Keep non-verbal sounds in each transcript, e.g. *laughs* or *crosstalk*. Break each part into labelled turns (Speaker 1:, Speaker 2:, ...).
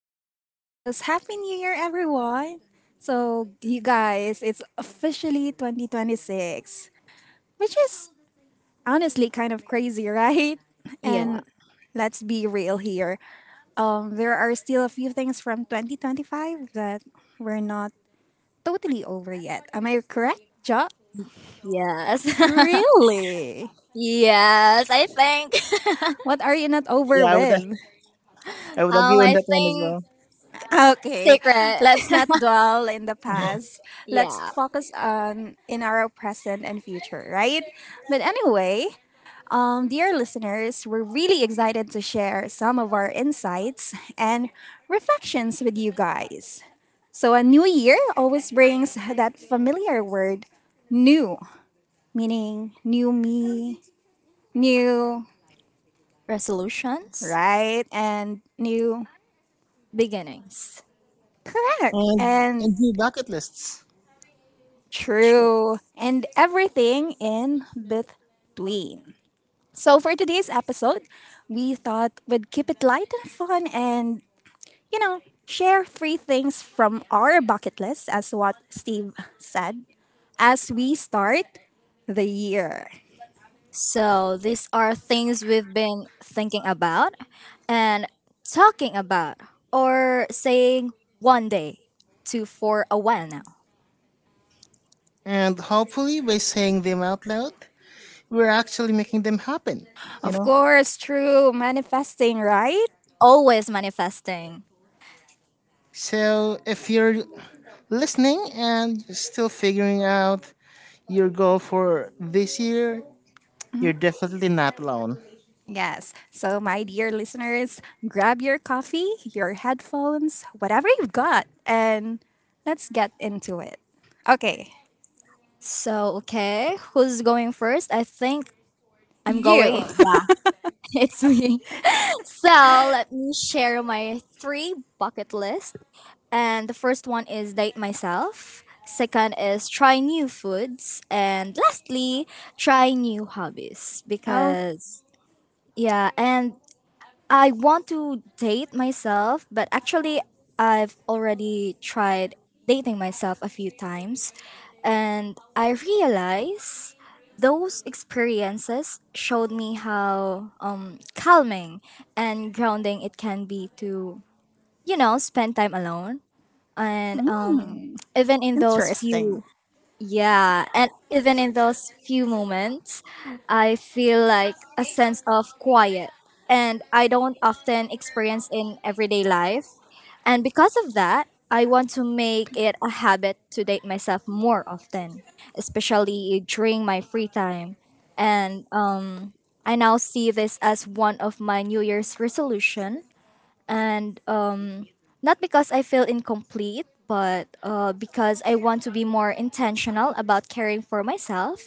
Speaker 1: Oh, yes, happy new year everyone. So, you guys, it's officially 2026, which is honestly kind of crazy, *laughs* right?
Speaker 2: Yeah.
Speaker 1: And let's be real here. There are still a few things from 2025 that we're not totally over yet. Am I correct, Jot?
Speaker 2: Yes.
Speaker 1: Really?
Speaker 2: *laughs* Yes, I think.
Speaker 1: What are you not over
Speaker 3: Yeah, I would
Speaker 1: with?
Speaker 3: I would
Speaker 2: Um,
Speaker 3: agree on
Speaker 2: I
Speaker 3: that one as
Speaker 2: think
Speaker 3: well.
Speaker 1: Okay,
Speaker 2: secret.
Speaker 1: let's not dwell in the past. Let's
Speaker 2: Yeah.
Speaker 1: focus on in our present and future, right? But anyway, dear listeners, we're really excited to share some of our insights and reflections with you guys. So a new year always brings that familiar word, new, meaning new me, new,
Speaker 2: Resolutions,
Speaker 1: right? And new.
Speaker 2: beginnings.
Speaker 3: *laughs*
Speaker 1: Correct.
Speaker 3: and
Speaker 1: And
Speaker 3: and do bucket lists.
Speaker 2: True.
Speaker 1: true. And everything in between. So for today's episode, we thought we'd keep it light and fun and, you know, share 3 things from our bucket list as what Steve said as we start the year.
Speaker 2: So these are things we've been thinking about and talking about or saying one day to for a while now.
Speaker 3: And hopefully by saying them out loud, we're actually making them happen, you
Speaker 1: Of
Speaker 3: know?
Speaker 1: course, true manifesting, right?
Speaker 2: Always manifesting.
Speaker 3: So if you're listening and you're still figuring out your goal for this year, you're definitely not alone.
Speaker 1: Yes. So, my dear listeners, grab your coffee, your headphones, whatever you've got, and let's get into it. Okay,
Speaker 2: So, okay, who's going first? I think I'm going.
Speaker 1: you. *laughs*
Speaker 2: Yeah, *laughs* it's me. So let me share my three bucket list. And the first one is date myself. Second is try new foods. And lastly, try new hobbies.
Speaker 1: Oh,
Speaker 2: Because, yeah, and I want to date myself, but actually, I've already tried dating myself a few times. And I realize those experiences showed me how calming and grounding it can be to, you know, spend time alone. And
Speaker 1: mm,
Speaker 2: even in
Speaker 1: interesting.
Speaker 2: those few moments, I feel like a sense of quiet, and I don't often experience in everyday life. And because of that, I want to make it a habit to date myself more often, especially during my free time. And I now see this as one of my New Year's resolution and not because I feel incomplete, but because I want to be more intentional about caring for myself.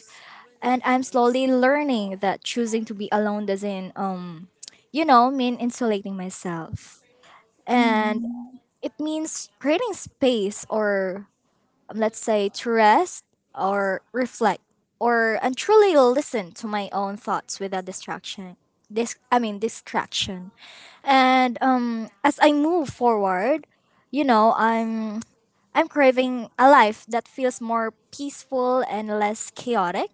Speaker 2: And I'm slowly learning that choosing to be alone doesn't, you know, mean insulating myself. And
Speaker 1: Mm,
Speaker 2: it means creating space or let's say, to rest or reflect or and truly listen to my own thoughts without distraction. This I mean distraction. And as I move forward, you know, I'm craving a life that feels more peaceful and less chaotic.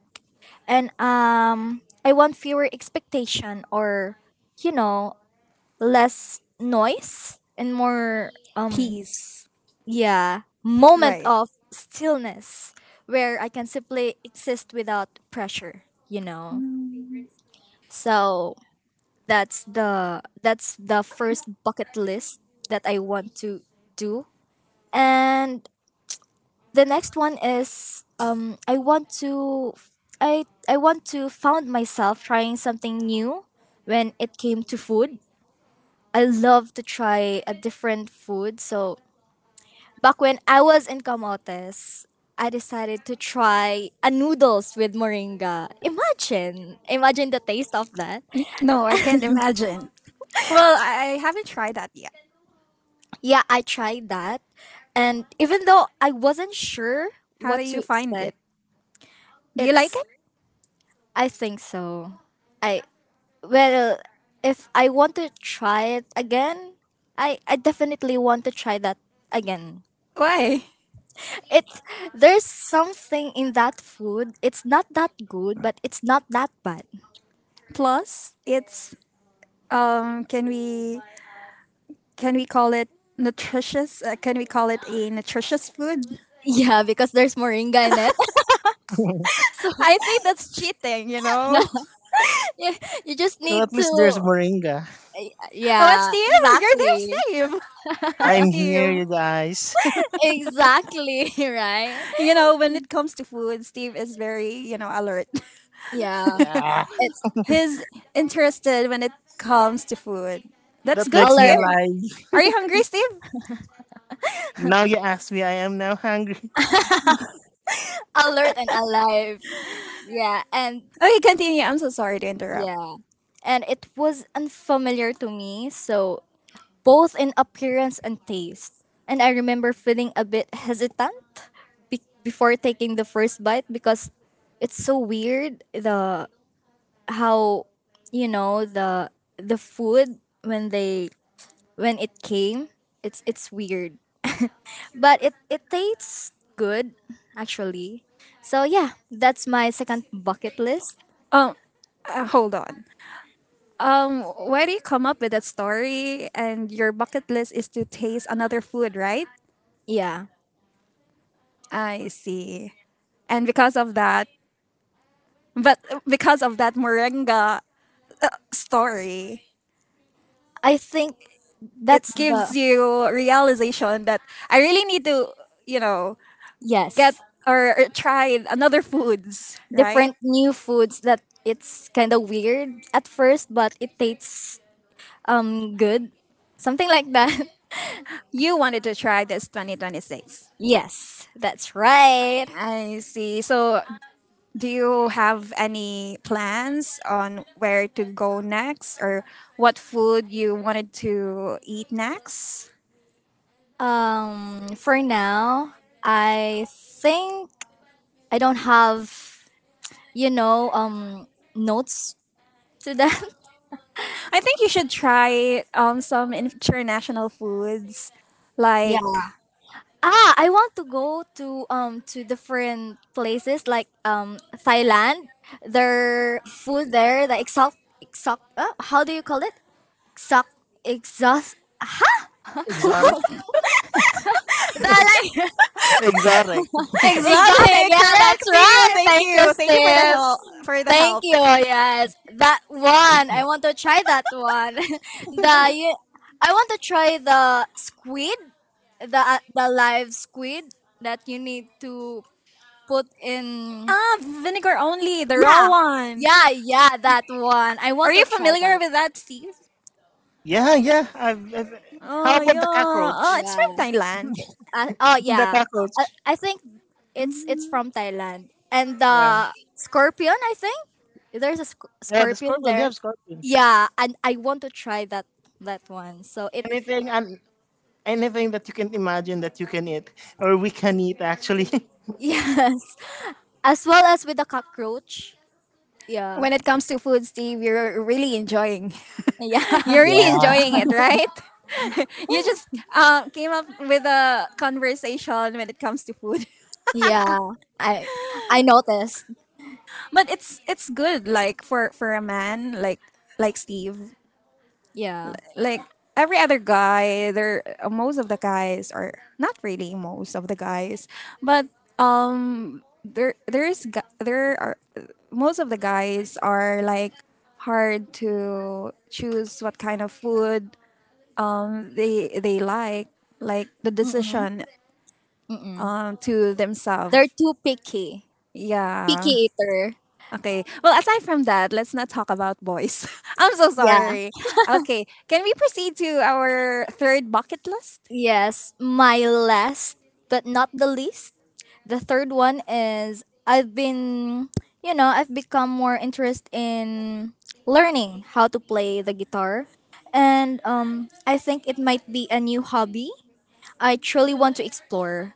Speaker 2: And I want fewer expectation or you know, less noise and more um
Speaker 1: peace.
Speaker 2: yeah, moment
Speaker 1: Right.
Speaker 2: of stillness where I can simply exist without pressure, you know. So that's the first bucket list that I want to do. And the next one is I want to I I want to found myself trying something new when it came to food. I love to try a different food, so back when I was in Camotes, I decided to try a noodles with moringa. Imagine, imagine the taste of that.
Speaker 1: No, I can't imagine. Well, I haven't tried that yet.
Speaker 2: Yeah, I tried that, and even though I wasn't sure
Speaker 1: How
Speaker 2: what
Speaker 1: do
Speaker 2: to
Speaker 1: you find
Speaker 2: expect,
Speaker 1: it? Do you like
Speaker 2: it's
Speaker 1: it?
Speaker 2: I think so. I well, if I want to try it again, I definitely want to try that again.
Speaker 1: Why?
Speaker 2: It's there's something in that food. It's not that good, but it's not that bad.
Speaker 1: Plus, it's. Can we, can we call it nutritious? Can we call it a nutritious food?
Speaker 2: Yeah, because there's moringa in it. *laughs* So
Speaker 1: I think that's cheating, *laughs*
Speaker 2: you, you just
Speaker 3: Well, at
Speaker 2: need
Speaker 3: least
Speaker 2: to
Speaker 3: there's Moringa.
Speaker 2: yeah,
Speaker 1: What, Steve? You're there,
Speaker 2: exactly.
Speaker 1: Steve. Hi,
Speaker 3: I'm here,
Speaker 1: Steve.
Speaker 3: you guys. *laughs*
Speaker 2: Exactly, *laughs* right?
Speaker 1: You know, when it comes to food, Steve is very, alert.
Speaker 2: Yeah.
Speaker 3: Yeah,
Speaker 2: It's
Speaker 1: *laughs* He's interested when it comes to food. That's
Speaker 3: that
Speaker 1: good,
Speaker 3: makes me
Speaker 1: Steve.
Speaker 2: alert,
Speaker 3: alive.
Speaker 1: Are you hungry, Steve?
Speaker 3: Now you ask me, I am now hungry.
Speaker 2: alert and alive. Yeah, and
Speaker 1: Okay, continue. I'm so sorry to interrupt.
Speaker 2: yeah. And it was unfamiliar to me, so both in appearance and taste. And I remember feeling a bit hesitant before taking the first bite because it's so weird the how you know the food when they when it came it's weird but it tastes good actually so yeah that's my second bucket list
Speaker 1: Um, Hold on. Why do you come up with that story? And your bucket list is to taste another food, right?
Speaker 2: yeah
Speaker 1: I see. And because of that, But because of that moringa story,
Speaker 2: I think
Speaker 1: it
Speaker 2: that's the
Speaker 1: gives you realization that I really need to, you know, get
Speaker 2: yes
Speaker 1: or, try another foods, right?
Speaker 2: different new foods that it's kind of weird at first but it tastes good something like that.
Speaker 1: You wanted to try this 2026.
Speaker 2: *laughs* Yes, that's right.
Speaker 1: I see. So, do you have any plans on where to go next or what food you wanted to eat next?
Speaker 2: For now, I think I don't have, you know, notes to them. *laughs*
Speaker 1: I think you should try some international foods
Speaker 2: Yeah.
Speaker 1: like
Speaker 2: Ah, I want to go to different places like Thailand. Their food there, the exotic, exotic. How do you call it? Exotic, exhaust. *laughs*
Speaker 3: *laughs* Exotic.
Speaker 1: *laughs*
Speaker 2: The like
Speaker 3: Exotic.
Speaker 2: *laughs* exotic.
Speaker 1: exotic,
Speaker 2: Yeah, that's
Speaker 1: correct. See you.
Speaker 2: right.
Speaker 1: Thank
Speaker 2: Thank you,
Speaker 1: you. Thank you for the
Speaker 2: Steve.
Speaker 1: help. For the
Speaker 2: Thank
Speaker 1: help.
Speaker 2: you. Yes, that one. I want to try that one. *laughs* The you, I want to try the squid, the live squid that you need to put in.
Speaker 1: Ah, vinegar only, the raw
Speaker 2: Yeah,
Speaker 1: one.
Speaker 2: yeah, yeah. That one. I
Speaker 1: Are
Speaker 2: want to
Speaker 1: you
Speaker 2: try
Speaker 1: familiar
Speaker 2: that.
Speaker 1: with that, Steve?
Speaker 3: Yeah, yeah. How
Speaker 1: Oh
Speaker 3: about the
Speaker 1: yeah. Oh,
Speaker 3: cockroach?
Speaker 1: it's from
Speaker 2: Yeah.
Speaker 1: Thailand.
Speaker 2: Oh
Speaker 3: *laughs* The
Speaker 2: yeah. I,
Speaker 3: cockroach.
Speaker 2: I think it's from Thailand and
Speaker 3: Yeah.
Speaker 2: the scorpion. I think there's a
Speaker 3: Yeah, the
Speaker 2: scorpion
Speaker 3: scorpion. They
Speaker 2: there.
Speaker 3: have scorpion.
Speaker 2: Yeah, and I want to try that one. So it
Speaker 3: Anything and anything that you can imagine that you can eat, or we can eat actually. *laughs*
Speaker 2: *laughs* yes, as well as with the cockroach. Yeah.
Speaker 1: When it comes to food, Steve, you're really enjoying. *laughs*
Speaker 2: Yeah.
Speaker 1: You're
Speaker 2: *laughs*
Speaker 1: really enjoying
Speaker 3: Yeah.
Speaker 1: it, right? *laughs* You just came up with a conversation when it comes to food,
Speaker 2: Yeah. I I noticed.
Speaker 1: *laughs* but it's good. Like for a man like Steve,
Speaker 2: Yeah.
Speaker 1: like every other guy there most of the guys are not really most of the guys but there is there are most of the guys are like hard to choose what kind of food they like the
Speaker 2: Mm-mm.
Speaker 1: decision
Speaker 2: Mm-mm.
Speaker 1: to
Speaker 2: They're
Speaker 1: themselves,
Speaker 2: too picky. Picky
Speaker 1: yeah.
Speaker 2: eater.
Speaker 1: Okay, well aside from that, let's not talk about boys. *laughs* I'm so
Speaker 2: Yeah.
Speaker 1: sorry. Okay, can we proceed to our third bucket list?
Speaker 2: Yes. My last but not the least. The third one is I've been you know, I've become more interested in learning how to play the guitar. And I think it might be a new hobby I truly want to explore.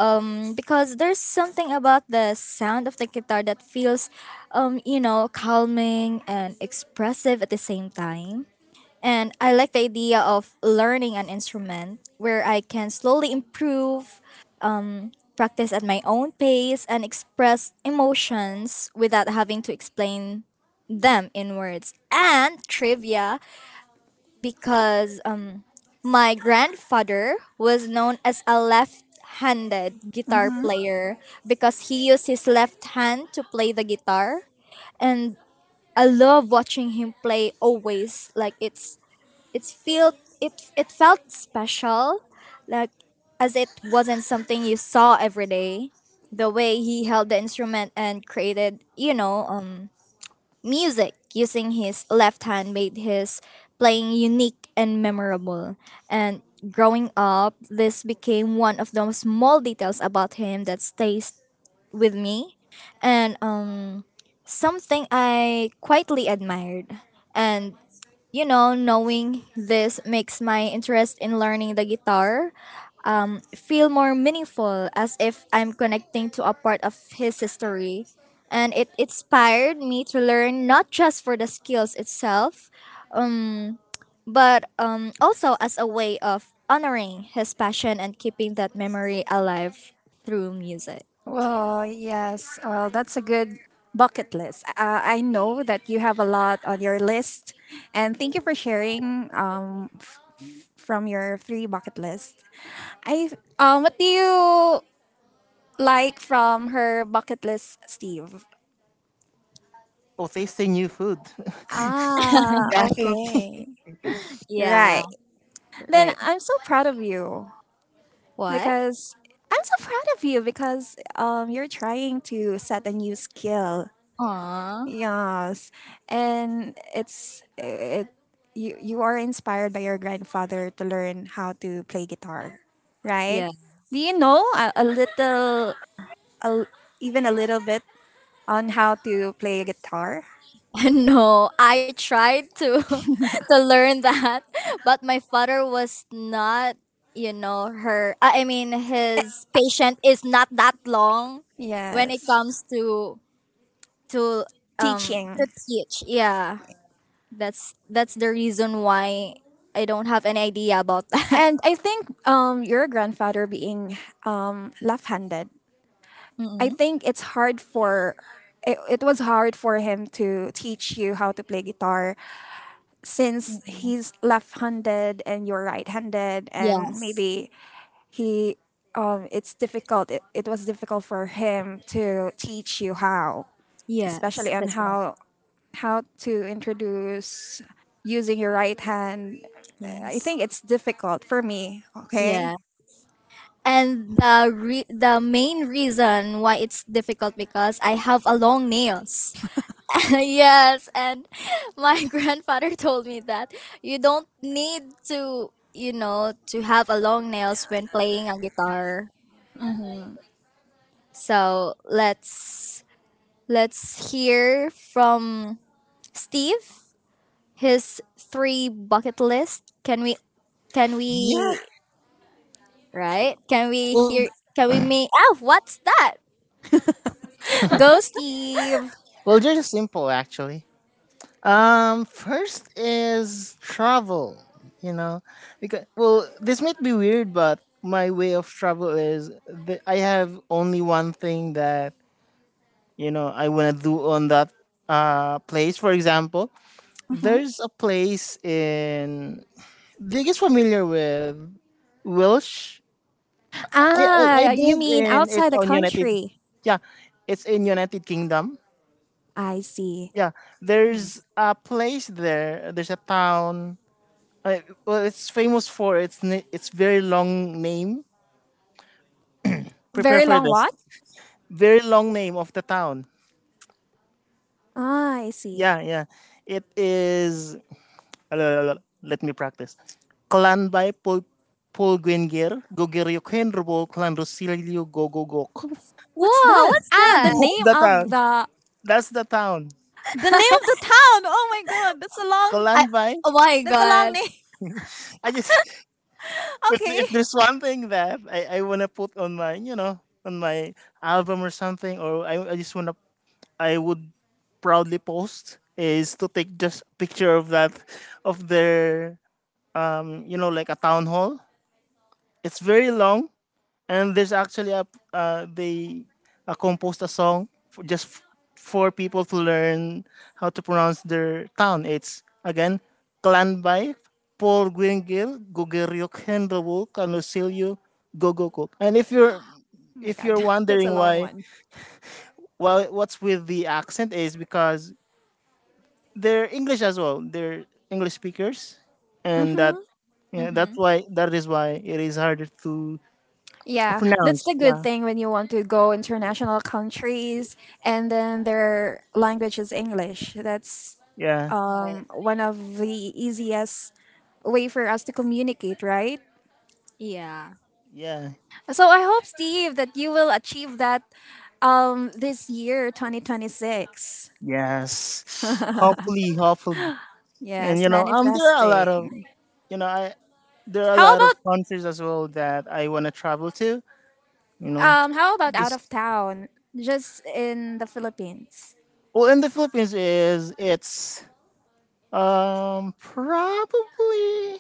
Speaker 2: Because there's something about the sound of the guitar that feels, you know, calming and expressive at the same time. And I like the idea of learning an instrument where I can slowly improve, practice at my own pace, and express emotions without having to explain them in words. And trivia, because my grandfather was known as a left handed guitar
Speaker 1: Mm-hmm.
Speaker 2: player because he used his left hand to play the guitar and I love watching him play always like it's feel it it felt special like as it wasn't something you saw every day the way he held the instrument and created you know music using his left hand made his playing unique and memorable. And growing up, this became one of those small details about him that stays with me and something I quietly admired. And you know, knowing this makes my interest in learning the guitar feel more meaningful as if I'm connecting to a part of his history. And it inspired me to learn not just for the skills itself, um, but also as a way of honoring his passion and keeping that memory alive through music.
Speaker 1: Well, yes. Well, that's a good bucket list. I know that you have a lot on your list, and thank you for sharing from your three bucket list. I What do you like from her bucket list, Steve?
Speaker 3: Or tasting new food.
Speaker 1: Ah,
Speaker 3: *laughs* Definitely.
Speaker 1: okay,
Speaker 2: Yeah,
Speaker 1: right. Then
Speaker 2: right.
Speaker 1: I'm so proud of you
Speaker 2: What?
Speaker 1: because I'm so proud of you because you're trying to set a new skill.
Speaker 2: Aww.
Speaker 1: Yes, and it's it. You are inspired by your grandfather to learn how to play guitar, right?
Speaker 2: Yeah.
Speaker 1: Do you know a little, a, l- even a little bit on how to play guitar?
Speaker 2: *laughs* No, I tried to *laughs* to learn that, but my father was not, you know, her I mean his patient is not that long when it
Speaker 1: Yes,
Speaker 2: comes to to um to
Speaker 1: teaching.
Speaker 2: teach. Yeah. That's the reason why I don't have any idea about that.
Speaker 1: And I think your grandfather being left-handed,
Speaker 2: *laughs*
Speaker 1: I
Speaker 2: Mm-mm.
Speaker 1: think it's hard for it was hard for him to teach you how to play guitar since he's left-handed and you're right-handed and
Speaker 2: Yes.
Speaker 1: maybe he it's difficult it was difficult for him to teach you how
Speaker 2: Yes,
Speaker 1: especially on
Speaker 2: that's right.
Speaker 1: how to introduce using your right hand. I
Speaker 2: Yes.
Speaker 1: think it's difficult for me. Okay.
Speaker 2: Yeah. And the main reason why it's difficult because I have a long nails. *laughs* Yes, and my *laughs* grandfather told me that you don't need to, you know, to have a long nails when playing a guitar. So, let's hear from Steve his three bucket list. Can we can
Speaker 3: Yeah.
Speaker 2: we right? Can we
Speaker 3: Well,
Speaker 2: hear can we make ah, what's that?
Speaker 1: *laughs* Go Steve.
Speaker 3: well, they're just simple actually. First is travel. You know, because, well, this might be weird, but my way of travel is that I have only one thing that I want to do on that place. For example,
Speaker 1: Mhm.
Speaker 3: there's a place in. Do you guys familiar with Welsh? I
Speaker 1: Ah, you
Speaker 3: believe
Speaker 1: mean
Speaker 3: in it's
Speaker 1: outside the
Speaker 3: on United.
Speaker 1: country.
Speaker 3: Yeah, it's in United Kingdom.
Speaker 1: I see.
Speaker 3: Yeah, there's a place there. There's a town. Well, it's famous for its its very long name. Prepare
Speaker 1: Very
Speaker 3: for
Speaker 1: long.
Speaker 3: this.
Speaker 1: What?
Speaker 3: Very long name of the town.
Speaker 1: Ah, I see.
Speaker 3: Yeah, yeah. It is Let me practice. Clan by Paul Paul Gwenger, Gogeryo Kenrobo, Clan Rosilio Gogogok.
Speaker 1: What's
Speaker 2: Whoa,
Speaker 1: that?
Speaker 2: what's
Speaker 1: Ah, the
Speaker 2: that?
Speaker 3: That's
Speaker 1: name
Speaker 3: the
Speaker 1: of
Speaker 3: town.
Speaker 1: the
Speaker 3: That's the town.
Speaker 1: name of the town. Oh my god, that's a long
Speaker 2: I,
Speaker 3: Clan by.
Speaker 2: oh my god.
Speaker 1: name. *laughs*
Speaker 3: I just if,
Speaker 1: Okay.
Speaker 3: if there's one thing that I wanna put on my on my album or something, or I just wanna I would proudly post, is to take just a picture of that of their like a town hall. It's very long, and there's actually a they composed a song for just for people to learn how to pronounce their town. It's again Clanby, Paul Gwingil, Gogeryuk Hendelwuk, Kanusilyu, Gogokuk. And if you're
Speaker 1: Oh my
Speaker 3: if
Speaker 1: god,
Speaker 3: you're
Speaker 1: *laughs* that's a
Speaker 3: wondering
Speaker 1: long
Speaker 3: why,
Speaker 1: one.
Speaker 3: well, what's with the accent is because they're English as well. They're English speakers, and that yeah,
Speaker 2: Mm-hmm.
Speaker 3: that is why it is harder to
Speaker 1: Yeah, that's the
Speaker 3: pronounce.
Speaker 1: good
Speaker 3: Yeah.
Speaker 1: thing when you want to go international countries and then their language is English. That's
Speaker 3: Yeah.
Speaker 1: one of the easiest way for us to communicate, right?
Speaker 2: Yeah.
Speaker 3: Yeah.
Speaker 1: So I hope Steve that you will achieve that this year 2026.
Speaker 3: Yes. Hopefully, hopefully. And
Speaker 1: Yes,
Speaker 3: there are a lot of
Speaker 1: manifesting.
Speaker 3: you know, I there are a
Speaker 1: How
Speaker 3: lot of
Speaker 1: about
Speaker 3: countries as well that I wanna travel to, you know.
Speaker 1: how about out of
Speaker 3: Just,
Speaker 1: town? Just in the Philippines.
Speaker 3: well, in the Philippines, is it's probably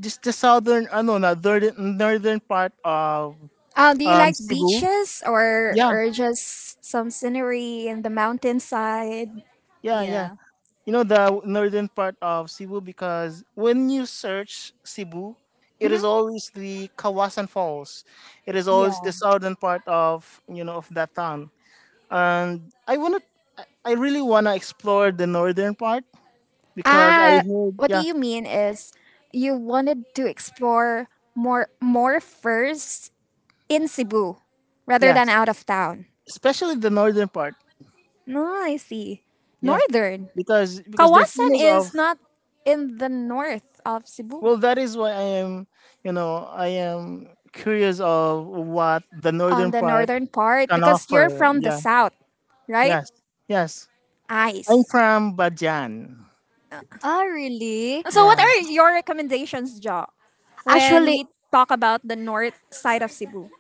Speaker 3: just the southern, I don't know, northern part of
Speaker 1: Do you like
Speaker 3: Cebu.
Speaker 1: beaches or
Speaker 3: Yeah,
Speaker 1: just some scenery in the mountainside?
Speaker 3: yeah, yeah.
Speaker 2: Yeah.
Speaker 3: You know the northern part of Cebu, because when you search Cebu, it is always the Kawasan Falls. It is always
Speaker 2: Yeah.
Speaker 3: the southern part of you know of that town. And I wanna, I I really wanna explore the northern part, because I
Speaker 1: Ah,
Speaker 3: heard,
Speaker 1: what do
Speaker 3: yeah,
Speaker 1: you mean is you wanted to explore more first in Cebu rather than
Speaker 3: yes,
Speaker 1: out of town.
Speaker 3: especially the northern part.
Speaker 1: No, I see.
Speaker 3: Yeah,
Speaker 1: Northern.
Speaker 3: because they're
Speaker 1: Kawasan
Speaker 3: famous of,
Speaker 1: is not in the north of Cebu.
Speaker 3: well, that is why I am curious of what the
Speaker 1: On
Speaker 3: northern
Speaker 1: the
Speaker 3: part
Speaker 1: northern part
Speaker 3: can
Speaker 1: because you're
Speaker 3: offer.
Speaker 1: from the
Speaker 3: Yeah,
Speaker 1: south, right?
Speaker 3: yes, yes. I'm
Speaker 1: Ice.
Speaker 3: from Bajan.
Speaker 2: Oh, really?
Speaker 1: So what
Speaker 3: Yeah.
Speaker 1: are your recommendations, Jo, when
Speaker 2: Actually,
Speaker 1: we talk about the north side of Cebu?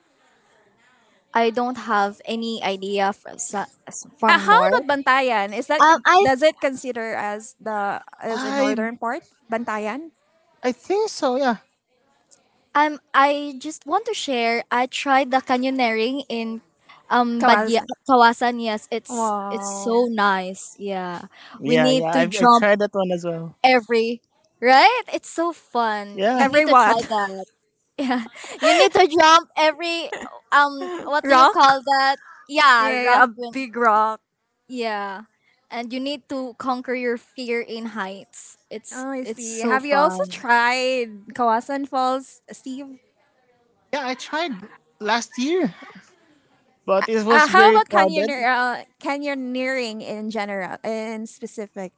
Speaker 2: I don't have any idea from
Speaker 1: How
Speaker 2: north.
Speaker 1: about Bantayan? Is that
Speaker 2: Um, I
Speaker 1: does it consider as the as a
Speaker 3: I
Speaker 1: northern part? Bantayan?
Speaker 3: I think so, yeah.
Speaker 2: I just want to share. I tried the canyoneering in Badia
Speaker 1: Kawasan.
Speaker 2: Kawasan. Yes, it's so
Speaker 1: Wow.
Speaker 2: nice. Yeah, we
Speaker 3: Yeah, yeah.
Speaker 2: need
Speaker 3: I
Speaker 2: to
Speaker 3: I
Speaker 2: jump
Speaker 3: tried that one as well.
Speaker 2: every right. It's so fun.
Speaker 3: Yeah.
Speaker 2: You
Speaker 1: Every
Speaker 2: need to try
Speaker 1: what?
Speaker 2: that. Yeah, *laughs* you need to jump every
Speaker 1: *laughs*
Speaker 2: what do you call
Speaker 1: Rock?
Speaker 2: that? Yeah,
Speaker 1: Yeah,
Speaker 2: rock
Speaker 1: a
Speaker 2: win.
Speaker 1: big rock.
Speaker 2: Yeah. And you need to conquer your fear in heights.
Speaker 1: Oh, I
Speaker 2: It's
Speaker 1: see.
Speaker 2: so
Speaker 1: Have you also
Speaker 2: fun.
Speaker 1: tried Kawasan Falls, Steve?
Speaker 3: Yeah, I tried last year, but it was
Speaker 1: How
Speaker 3: very
Speaker 1: about
Speaker 3: crowded.
Speaker 1: canyoneer, canyoneering in general, in specific?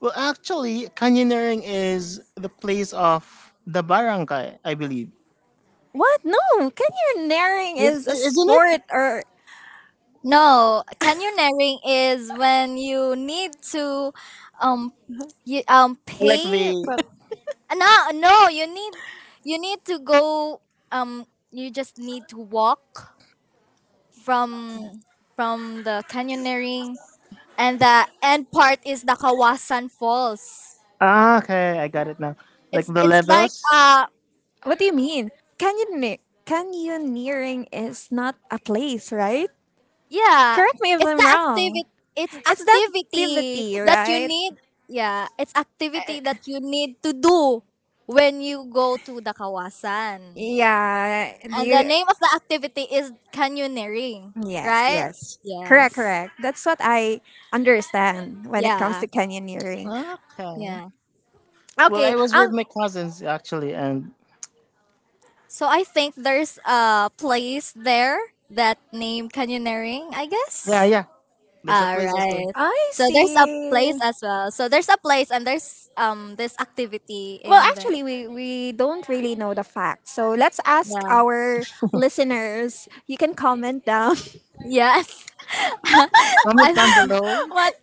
Speaker 3: Well, actually, canyoneering is the place of the barangay, I believe.
Speaker 1: What? No, canyoneering is a
Speaker 3: Isn't it?
Speaker 1: sport, or
Speaker 2: No, canyoneering is when you need to um you
Speaker 3: Like
Speaker 2: pay
Speaker 3: the—
Speaker 2: for no no you need you need to go um you just need to walk from the canyoneering and the end part is the Kawasan Falls.
Speaker 3: Ah, okay, I got it now. Like
Speaker 2: It's
Speaker 3: the
Speaker 2: it's like
Speaker 3: levels.
Speaker 1: what do you mean? Canyoneer, canyoneering is not a place, right?
Speaker 2: yeah,
Speaker 1: Correct me if
Speaker 2: it's the
Speaker 1: I'm
Speaker 2: activity
Speaker 1: wrong.
Speaker 2: it's
Speaker 1: It's the
Speaker 2: activity
Speaker 1: activity,
Speaker 2: that you
Speaker 1: right?
Speaker 2: need yeah, it's activity that you need to do when you go to the Kawasan.
Speaker 1: Yeah. Do
Speaker 2: And the
Speaker 1: you?
Speaker 2: name of the activity is canyoneering,
Speaker 1: Yes.
Speaker 2: right?
Speaker 1: Yes. Correct.
Speaker 2: Yes.
Speaker 1: Correct. That's what I understand when it comes
Speaker 2: Yeah.
Speaker 1: to canyoneering.
Speaker 3: Okay.
Speaker 2: Yeah.
Speaker 3: Well,
Speaker 1: Okay.
Speaker 3: I was with my cousins actually, and
Speaker 2: So I think there's a place there that name canyoneering, I
Speaker 3: yeah,
Speaker 2: guess.
Speaker 3: yeah. There's a
Speaker 2: All
Speaker 3: place as well.
Speaker 2: right.
Speaker 1: I
Speaker 2: So there's a place
Speaker 1: see.
Speaker 2: as well. So there's a place and there's this activity
Speaker 1: Well,
Speaker 2: in the
Speaker 1: actually, we don't really know the facts. So let's ask
Speaker 2: yeah
Speaker 1: our listeners. You can comment down
Speaker 2: yes *laughs*
Speaker 3: Comment down
Speaker 2: I-
Speaker 1: *laughs*
Speaker 3: below.
Speaker 1: what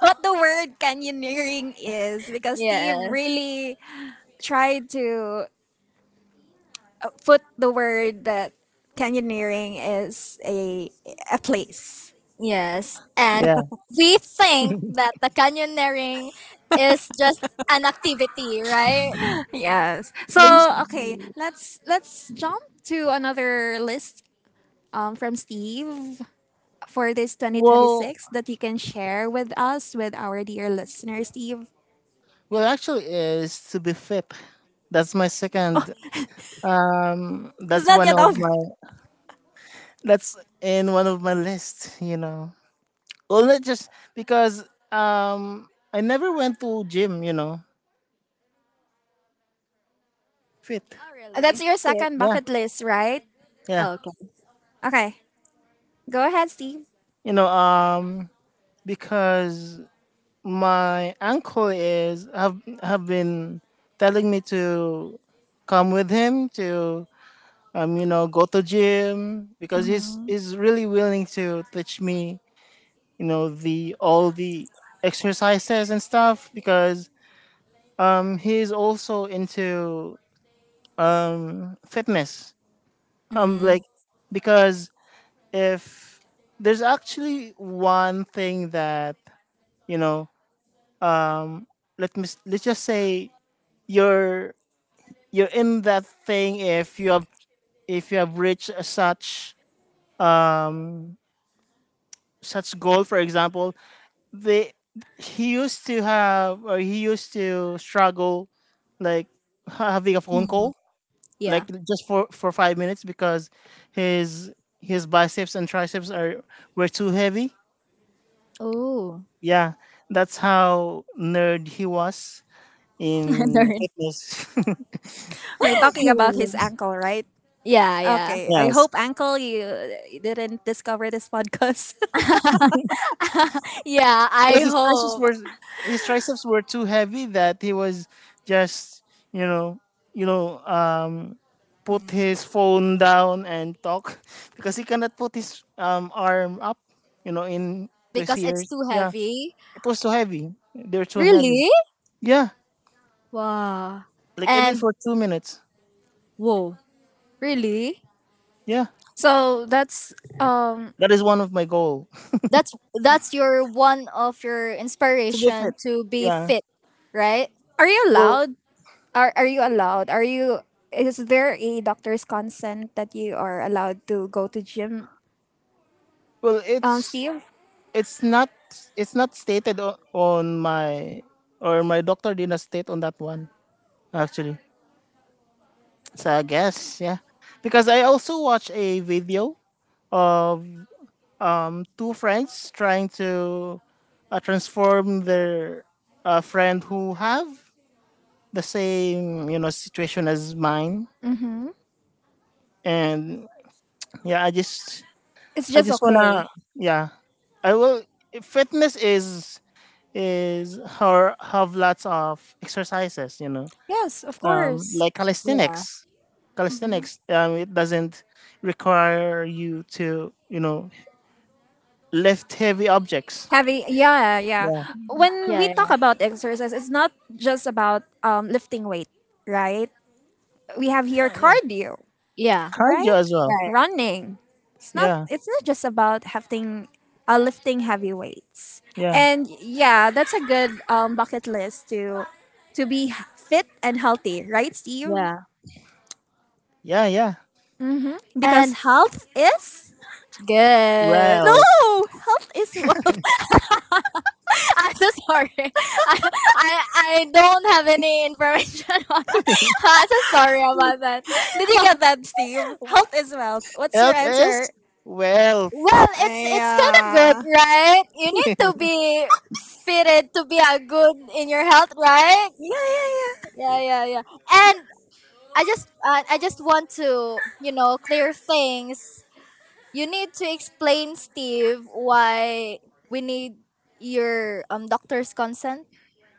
Speaker 1: the word canyoneering is because Steve
Speaker 2: yes
Speaker 1: really tried to put the word that canyoneering is a place.
Speaker 2: yes and
Speaker 3: Yeah.
Speaker 2: we think that the canyoneering is just an activity, right?
Speaker 1: Yes. So
Speaker 2: Mm.
Speaker 3: Please—
Speaker 1: okay, let's jump to another list from Steve for this
Speaker 3: Well,
Speaker 1: 2026 that you can share with us with our dear listeners, Steve.
Speaker 3: well, actually, is to be FIP. That's my second.
Speaker 1: It's
Speaker 3: That's
Speaker 1: not
Speaker 3: one
Speaker 1: yet
Speaker 3: of
Speaker 1: over.
Speaker 3: my. That's in one of my list. You know, well, not just because I never went to gym. You know, fit.
Speaker 2: Oh
Speaker 1: *laughs*
Speaker 2: really?
Speaker 1: That's your second
Speaker 3: Yeah,
Speaker 1: bucket list, right?
Speaker 3: yeah.
Speaker 2: Okay.
Speaker 1: Okay. Go ahead, Steve.
Speaker 3: You know, because my uncle is have been telling me to come with him to go to gym, because he's really willing to teach me you know the all the exercises and stuff, because he's also into fitness.
Speaker 2: Mm.
Speaker 3: Like, because if there's actually one thing that, you know let's just say you're in that thing, if you have reached a such goal. For example, they he used to have, or he used to struggle like having a phone
Speaker 2: Mm.
Speaker 3: call
Speaker 2: Yeah.
Speaker 3: like just for 5 minutes because his his biceps and triceps are were too heavy.
Speaker 2: Oh.
Speaker 3: Yeah, that's how nerd he was in fitness.
Speaker 1: We're
Speaker 2: *laughs*
Speaker 1: talking about his
Speaker 2: Really?
Speaker 1: ankle, right?
Speaker 2: Yeah, yeah.
Speaker 3: *laughs*
Speaker 1: Okay. I
Speaker 3: Yes,
Speaker 1: hope ankle you you didn't discover this podcast. *laughs*
Speaker 2: *laughs* Yeah, I
Speaker 3: because
Speaker 2: hope.
Speaker 3: his triceps were too heavy that he was just you know you know um put
Speaker 2: Mm.
Speaker 3: his phone down and talk. *laughs* Because he cannot put his arm up, in to his
Speaker 2: Because it's
Speaker 3: ears.
Speaker 2: too
Speaker 3: Yeah,
Speaker 2: heavy.
Speaker 3: it was so heavy. They were too heavy.
Speaker 2: Really?
Speaker 3: Yeah,
Speaker 2: Wow.
Speaker 3: like even
Speaker 2: And
Speaker 3: for 2 minutes.
Speaker 2: whoa, really?
Speaker 3: Yeah,
Speaker 1: So that's um
Speaker 3: that is one of my goal.
Speaker 2: That's that's your one of your
Speaker 3: *laughs* To be
Speaker 2: inspiration
Speaker 3: fit.
Speaker 2: to be
Speaker 3: Yeah,
Speaker 2: fit, right?
Speaker 1: are you
Speaker 3: well
Speaker 1: allowed? Are you allowed? Are you is there a doctor's consent that you are allowed to go to gym?
Speaker 3: well,
Speaker 1: Steve?
Speaker 3: it's not it's not stated o- on my or my doctor did not state on that one actually. So I guess, yeah. Because I also watched a video of two friends trying to transform their friend who have the same situation as mine.
Speaker 1: Mm-hmm.
Speaker 3: And yeah, I just
Speaker 1: It's
Speaker 3: I
Speaker 1: just
Speaker 3: just
Speaker 1: okay.
Speaker 3: wanna, yeah. I will Fitness is her, have lots of exercises.
Speaker 1: Yes, of course.
Speaker 3: Like
Speaker 2: Yeah,
Speaker 3: calisthenics. Calisthenics, it doesn't require you to lift heavy objects.
Speaker 1: Heavy, yeah,
Speaker 3: Yeah,
Speaker 1: When
Speaker 2: yeah,
Speaker 1: we
Speaker 2: yeah,
Speaker 1: talk about exercise, it's not just about lifting weight, right? We have here
Speaker 3: yeah, yeah.
Speaker 1: cardio,
Speaker 2: yeah,
Speaker 3: Cardio
Speaker 1: right?
Speaker 3: as well.
Speaker 2: right,
Speaker 1: Running. It's not.
Speaker 3: Yeah,
Speaker 1: It's not just about having lifting heavy weights.
Speaker 3: yeah,
Speaker 1: And yeah, that's a good bucket list to be fit and healthy, right, Steve?
Speaker 2: yeah.
Speaker 3: yeah, yeah.
Speaker 1: Mm-hmm. Because
Speaker 2: And
Speaker 1: health is
Speaker 2: good.
Speaker 3: Well,
Speaker 1: no health is wealth. *laughs*
Speaker 2: *laughs* I'm so sorry. *laughs* I don't have any information *laughs* on that. I'm so sorry about that.
Speaker 1: Did you get that, Steve?
Speaker 2: W-
Speaker 1: Health is wealth. What's your
Speaker 3: health
Speaker 1: answer?
Speaker 3: is wealth.
Speaker 2: Well, it's kind of good,
Speaker 1: Yeah.
Speaker 2: right? You need to be fitted to be a good in your health, right?
Speaker 1: Yeah.
Speaker 2: Yeah, yeah, yeah. And I just want to you know clear things. You need to explain Steve why we need your doctor's consent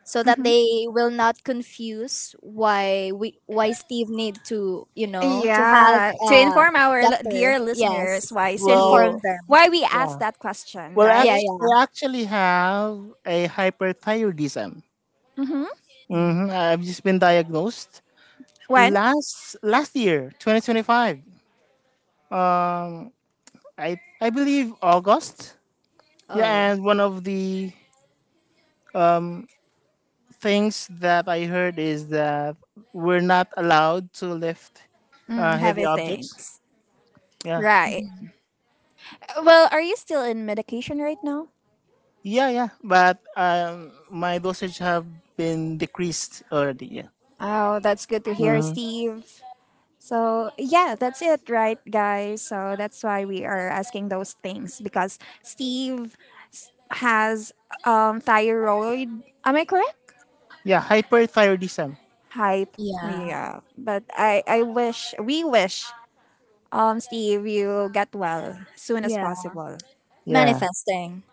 Speaker 2: so that they will not confuse why we why Steve need to you know to have
Speaker 1: Yeah.
Speaker 2: a
Speaker 1: To inform our
Speaker 2: doctor.
Speaker 1: dear listeners
Speaker 2: Yes,
Speaker 1: why
Speaker 2: to
Speaker 1: Steve,
Speaker 2: inform
Speaker 3: Well,
Speaker 2: them.
Speaker 1: why we asked
Speaker 3: yeah.
Speaker 1: that question,
Speaker 3: Well,
Speaker 2: Yeah,
Speaker 1: right?
Speaker 3: actually,
Speaker 2: yeah.
Speaker 3: I actually have a hyperthyroidism.
Speaker 1: Mm-hmm.
Speaker 3: Mm-hmm.
Speaker 2: Mm.
Speaker 3: I've just been diagnosed
Speaker 1: When?
Speaker 3: last year, 2025. Um, I believe August. Yeah,
Speaker 2: Oh,
Speaker 3: and one of the things that I heard is that we're not allowed to lift
Speaker 1: Mm,
Speaker 3: heavy
Speaker 1: heavy
Speaker 3: objects.
Speaker 1: things.
Speaker 3: Yeah,
Speaker 1: Right. Well, are you still in medication right now?
Speaker 3: yeah, yeah. But my dosage have been decreased already. Yeah.
Speaker 1: Oh, that's good to hear,
Speaker 3: Hmm.
Speaker 1: Steve. So, yeah, that's it, right, guys? So, that's why we are asking those things because Steve has thyroid. Am I correct?
Speaker 3: Yeah, hyperthyroidism.
Speaker 1: Hype.
Speaker 2: yeah,
Speaker 1: Yeah, but I wish we wish Steve you get well soon as
Speaker 2: yeah.
Speaker 1: possible
Speaker 3: Yeah.
Speaker 2: Manifesting.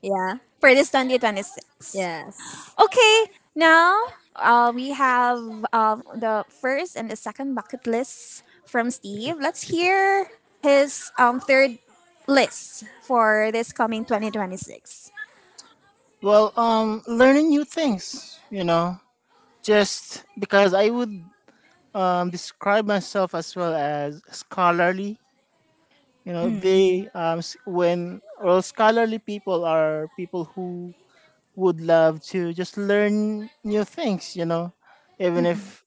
Speaker 2: Yeah.
Speaker 1: for this 2026.
Speaker 2: Yes.
Speaker 1: Okay, now we have the first and the second bucket list from Steve. Let's hear his third list for this coming 2026.
Speaker 3: Well, learning new things. You know, just because I would, describe myself as well as scholarly, you know
Speaker 2: Mm.
Speaker 3: they s- when well scholarly people are people who would love to just learn new things, you know, even
Speaker 2: Mm-mm.
Speaker 3: if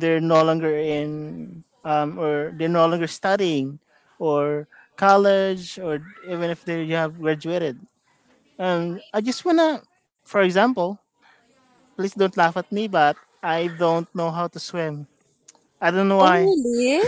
Speaker 3: they're no longer in or they're no longer studying or college, or even if they have graduated. I just wanna, for example, please don't laugh at me, but I don't know how to swim. I don't know
Speaker 2: Oh,
Speaker 3: why.
Speaker 2: really?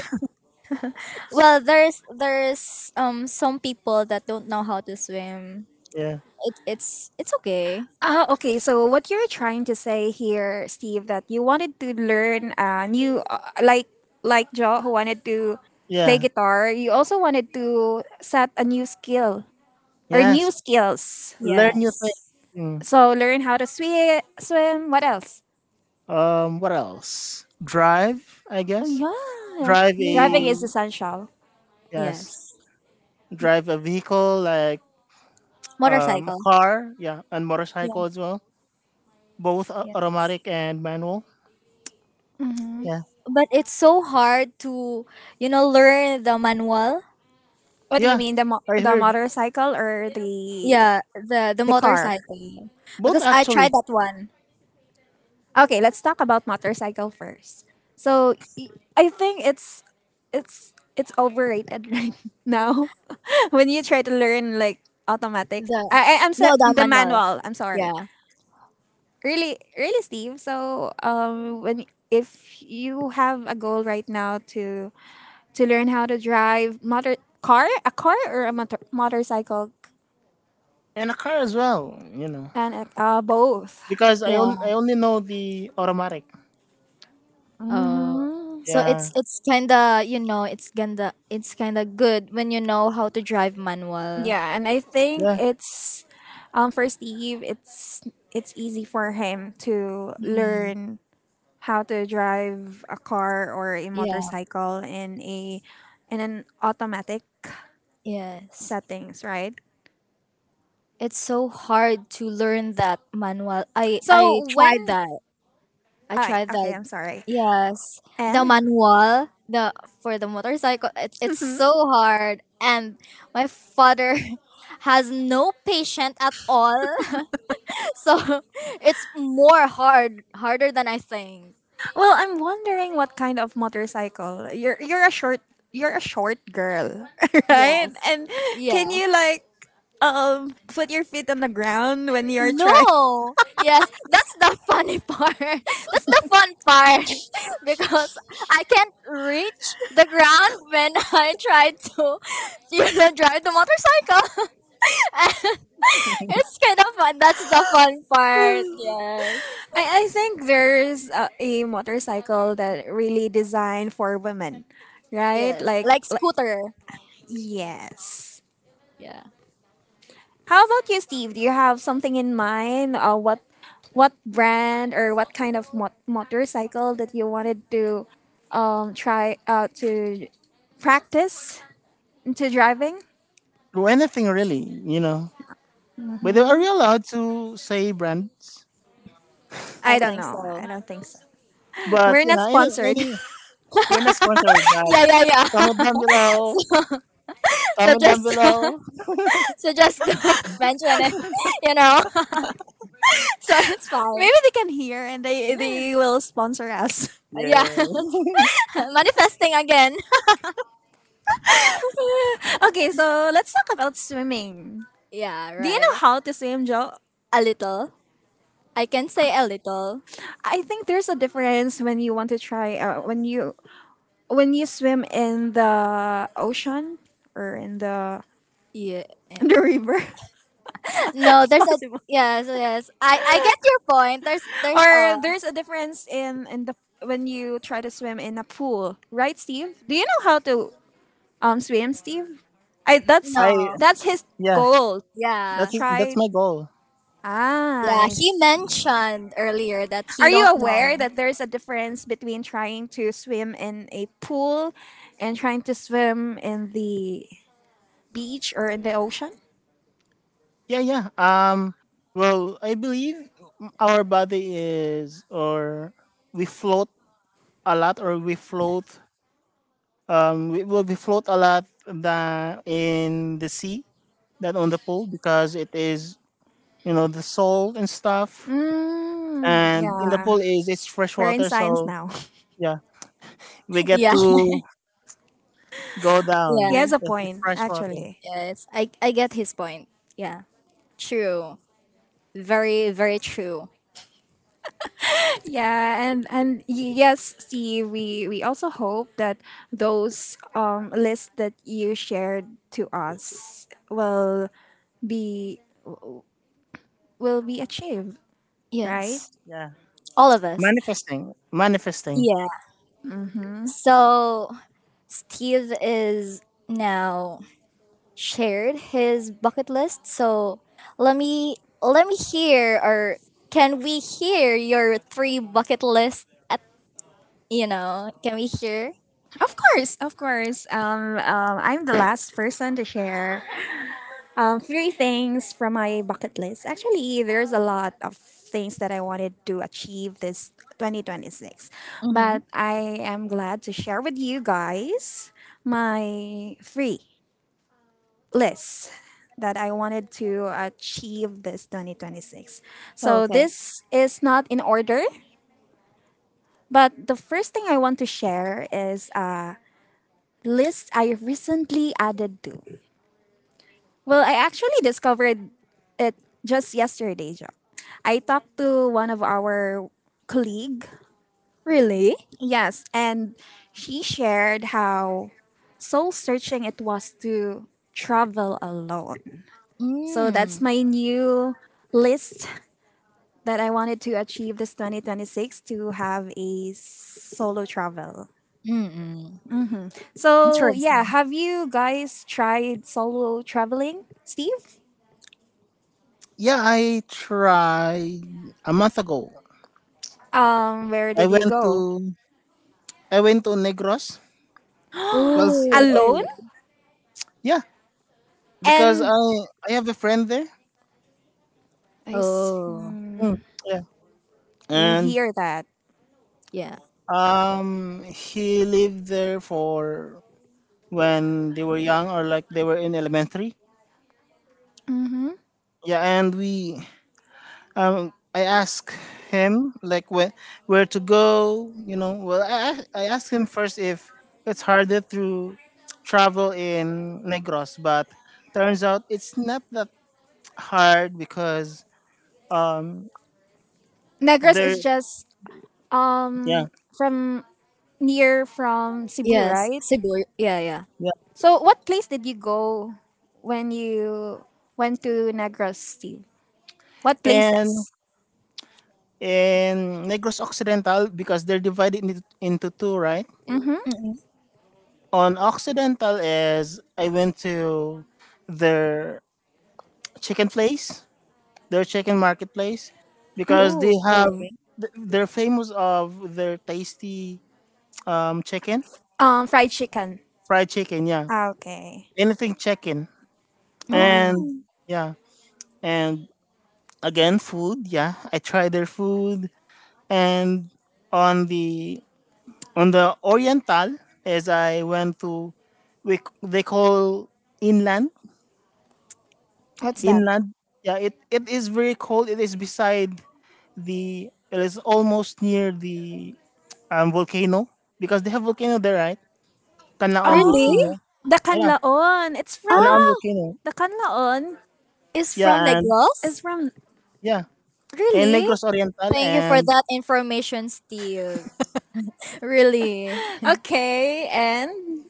Speaker 2: Well, there's some people that don't know how to swim.
Speaker 3: Yeah,
Speaker 2: It's it's okay.
Speaker 1: Ah, okay. So what you're trying to say here, Steve, that you wanted to learn new, like Joe who wanted to play
Speaker 3: yeah,
Speaker 1: guitar, you also wanted to set a new skill or
Speaker 3: yes.
Speaker 1: new skills.
Speaker 3: Learn new things.
Speaker 2: Yes.
Speaker 3: Hmm.
Speaker 1: So learn how to swim. Swim. What else?
Speaker 3: What else? Drive, I guess.
Speaker 1: Oh yeah,
Speaker 3: Drive
Speaker 1: driving
Speaker 2: Yeah.
Speaker 1: is
Speaker 3: a
Speaker 1: essential.
Speaker 3: yes.
Speaker 2: Yes.
Speaker 3: Drive a vehicle like a
Speaker 2: Motorcycle.
Speaker 3: car, yeah, and
Speaker 2: Yeah.
Speaker 3: motorcycle as well. Both
Speaker 2: Yeah.
Speaker 3: automatic and manual. Yeah,
Speaker 2: But it's so hard to you know learn the manual.
Speaker 1: What do you
Speaker 3: yeah.
Speaker 1: mean the
Speaker 3: I
Speaker 1: the
Speaker 3: heard
Speaker 1: motorcycle or the
Speaker 2: Yeah, the
Speaker 1: car?
Speaker 2: motorcycle.
Speaker 3: both
Speaker 2: Because I tried
Speaker 3: actually,
Speaker 2: that one.
Speaker 1: Okay, let's talk about motorcycle first. So I think it's it's overrated *laughs* right now. *laughs* When you try to learn like automatic,
Speaker 2: The
Speaker 1: I'm
Speaker 2: no
Speaker 1: so
Speaker 2: the
Speaker 1: the
Speaker 2: manual.
Speaker 1: manual. I'm sorry.
Speaker 2: Yeah.
Speaker 1: Really, really, Steve. So when if you have a goal right now to learn how to drive motor car, a car or a motor, motorcycle,
Speaker 3: and a car as well. You know,
Speaker 1: and both.
Speaker 3: because I on-
Speaker 2: Yeah.
Speaker 3: I only know the automatic.
Speaker 2: Oh.
Speaker 1: Mm-hmm.
Speaker 2: So
Speaker 3: Yeah,
Speaker 2: it's kinda you know it's kinda good when you know how to drive manual.
Speaker 1: Yeah, and I think
Speaker 3: yeah.
Speaker 1: it's for Steve, it's easy for him to
Speaker 2: Mm.
Speaker 1: learn how to drive a car or a
Speaker 2: Yeah.
Speaker 1: motorcycle in a in an automatic
Speaker 2: Yes.
Speaker 1: settings, right?
Speaker 2: It's so hard to learn that manual. I
Speaker 1: So
Speaker 2: tried
Speaker 1: when
Speaker 2: that. I
Speaker 1: I
Speaker 2: tried
Speaker 1: okay,
Speaker 2: that.
Speaker 1: I'm sorry.
Speaker 2: Yes. The
Speaker 1: And
Speaker 2: manual, the for the motorcycle, it's so hard and my father *laughs* has no patience at all. *laughs* So it's more hard, harder than I think.
Speaker 1: well, I'm wondering what kind of motorcycle. You're a short girl, *laughs* right?
Speaker 2: Yes.
Speaker 1: And can
Speaker 2: Yeah.
Speaker 1: you like put your feet on the ground when you're trying
Speaker 2: No. Yes, that's the funny part. *laughs* That's the fun part *laughs* because I can't reach the ground when I try to, *laughs* drive the motorcycle. *laughs* And *laughs* it's kind of fun. That's the fun
Speaker 1: *laughs*
Speaker 2: part. Yes.
Speaker 1: I think there's a motorcycle that really designed for women, right?
Speaker 2: Yes.
Speaker 1: Like,
Speaker 2: Like scooter.
Speaker 1: yes.
Speaker 2: Yeah.
Speaker 1: How about you, Steve? Do you have something in mind? What brand or what kind of motorcycle that you wanted to try to practice into driving?
Speaker 3: Do anything really. But are we allowed to say brands?
Speaker 2: I
Speaker 1: I don't
Speaker 2: think
Speaker 1: know. I
Speaker 2: so.
Speaker 1: don't think so.
Speaker 3: But
Speaker 1: We're
Speaker 3: you
Speaker 1: not
Speaker 3: know,
Speaker 1: sponsored. *laughs*
Speaker 3: any we're not sponsored, but
Speaker 2: Yeah,
Speaker 3: comment
Speaker 2: yeah,
Speaker 3: down below.
Speaker 2: yeah. *laughs* so
Speaker 3: Comment down
Speaker 2: just
Speaker 3: below.
Speaker 2: *laughs* so just *laughs* don't mention it, *laughs* you know. *laughs* so it's fine.
Speaker 1: Maybe they can hear and they will sponsor us.
Speaker 2: Yeah.
Speaker 3: Yes.
Speaker 2: *laughs* Manifesting again.
Speaker 1: *laughs* Okay, so let's talk about swimming.
Speaker 2: Yeah,
Speaker 1: Do you know
Speaker 2: right.
Speaker 1: how to swim, Joe?
Speaker 2: A little. I can say a little.
Speaker 1: I think there's a difference when you want to try when you swim in the ocean or in the
Speaker 2: Yeah.
Speaker 1: *laughs*
Speaker 2: *laughs*
Speaker 1: the river. *laughs*
Speaker 2: No,
Speaker 1: It's
Speaker 2: there's a
Speaker 1: possible.
Speaker 2: yes, yes. I get your point. There's a
Speaker 1: Or there's a difference in the when you try to swim in a pool, right, Steve? Do you know how to swim, Steve? I that's
Speaker 3: I
Speaker 2: no.
Speaker 1: that's his
Speaker 3: Yeah.
Speaker 1: goal.
Speaker 3: That's
Speaker 2: Yeah.
Speaker 3: it. That's
Speaker 1: Try.
Speaker 3: my goal.
Speaker 2: Yeah,
Speaker 1: Ah, I
Speaker 2: he mentioned earlier that he
Speaker 1: Are you
Speaker 2: don't know.
Speaker 1: aware that there's a difference between trying to swim in a pool and trying to swim in the beach or in the ocean?
Speaker 3: Yeah, yeah. Well, I believe our body is, or we float a lot, or we float. Will we float a lot than in the sea, than on the pool, because it is the salt and stuff.
Speaker 1: Mm,
Speaker 3: And in the
Speaker 1: yeah.
Speaker 3: pool, is it's fresh
Speaker 1: We're in
Speaker 3: water,
Speaker 1: science
Speaker 3: so
Speaker 1: now. *laughs*
Speaker 3: yeah, we get
Speaker 2: Yeah. *laughs*
Speaker 3: to go
Speaker 1: He
Speaker 3: down.
Speaker 2: Yeah.
Speaker 1: has a
Speaker 3: Yes, it's
Speaker 1: point,
Speaker 3: fresh water.
Speaker 1: actually.
Speaker 2: Yes. I get his point. Yeah. True. Very true.
Speaker 1: Yeah, and yes, Steve, we also hope that those lists that you shared to us be will be achieved, right?
Speaker 2: Yes.
Speaker 3: Yeah.
Speaker 2: All of us.
Speaker 3: Manifesting, manifesting.
Speaker 2: Yeah. So Steve is now shared his bucket list. So let me let me hear, or can we hear your three bucket list at can we hear?
Speaker 1: Of course, of course. I'm the last person to share three things from my bucket list. Actually, there's a lot of things that I wanted to achieve this 2026,
Speaker 2: Mm-hmm.
Speaker 1: but I am glad to share with you guys my three lists that I wanted to achieve this 2026. So
Speaker 2: Okay.
Speaker 1: this is not in order. But the first thing I want to share is a list I recently added to. Well, I actually discovered it just yesterday, Jack. I talked to one of our colleague.
Speaker 2: Really?
Speaker 1: Yes, and she shared how soul searching it was to travel alone. So that's
Speaker 2: Mm.
Speaker 1: my new list that I wanted to achieve this 2026, to have a solo travel.
Speaker 2: mm
Speaker 1: So, yeah,
Speaker 2: Interesting.
Speaker 1: have you guys tried solo traveling, Steve?
Speaker 3: Yeah, I tried a month ago.
Speaker 1: Where
Speaker 3: I
Speaker 1: did you
Speaker 3: went
Speaker 1: go?
Speaker 3: to I went to Negros. Well,
Speaker 2: Oh,
Speaker 1: Alone?
Speaker 2: really?
Speaker 3: yeah, because I
Speaker 1: And
Speaker 3: I have a friend there.
Speaker 1: I
Speaker 2: Oh,
Speaker 3: Mm,
Speaker 1: see.
Speaker 3: yeah,
Speaker 1: You
Speaker 3: and
Speaker 1: hear that.
Speaker 2: yeah.
Speaker 3: he lived there for when they were young, or like they were in elementary.
Speaker 1: Mhm.
Speaker 3: Yeah, and we, I ask him like where to go. You know, well, I asked him first if it's harder to travel in Negros, but turns out it's not that hard because um
Speaker 1: Negros
Speaker 3: there
Speaker 1: is just
Speaker 3: yeah,
Speaker 1: from near from Cebu,
Speaker 2: Yes.
Speaker 1: right?
Speaker 2: Cebu. Yeah, yeah.
Speaker 3: yeah.
Speaker 1: So what place did you go when you went to Negros, Steve? What
Speaker 3: And
Speaker 1: places?
Speaker 3: in Negros Occidental, because they're divided into two, right.
Speaker 1: Mm-hmm.
Speaker 2: Mm-mm.
Speaker 3: On Occidental, is I went to their chicken place their chicken marketplace, because they
Speaker 2: Oh,
Speaker 3: have
Speaker 2: really?
Speaker 3: they're famous of their tasty, chicken
Speaker 1: Fried chicken.
Speaker 3: fried chicken. Yeah,
Speaker 1: Okay.
Speaker 3: anything chicken.
Speaker 2: Mm.
Speaker 3: And
Speaker 1: Oh,
Speaker 3: yeah, and again, food. Yeah, I try their food. And on the on the oriental, as I went to we c- they call inland.
Speaker 1: what's that?
Speaker 3: inland yeah, it is very cold. It is almost near the volcano, because they have volcano there, right? Canlaon
Speaker 2: Really?
Speaker 3: volcano.
Speaker 1: Oh, the
Speaker 3: Yeah,
Speaker 1: Canlaon. It's from
Speaker 3: Canlaon
Speaker 2: Ah,
Speaker 3: volcano.
Speaker 1: the Canlaon.
Speaker 2: it's
Speaker 3: Yeah,
Speaker 2: from the
Speaker 3: and
Speaker 1: Is
Speaker 2: Gulf?
Speaker 1: from
Speaker 3: yeah, and
Speaker 2: Really?
Speaker 3: Negros Oriental,
Speaker 2: Thank you for
Speaker 3: and
Speaker 2: that information, Steve. Really?
Speaker 1: okay, and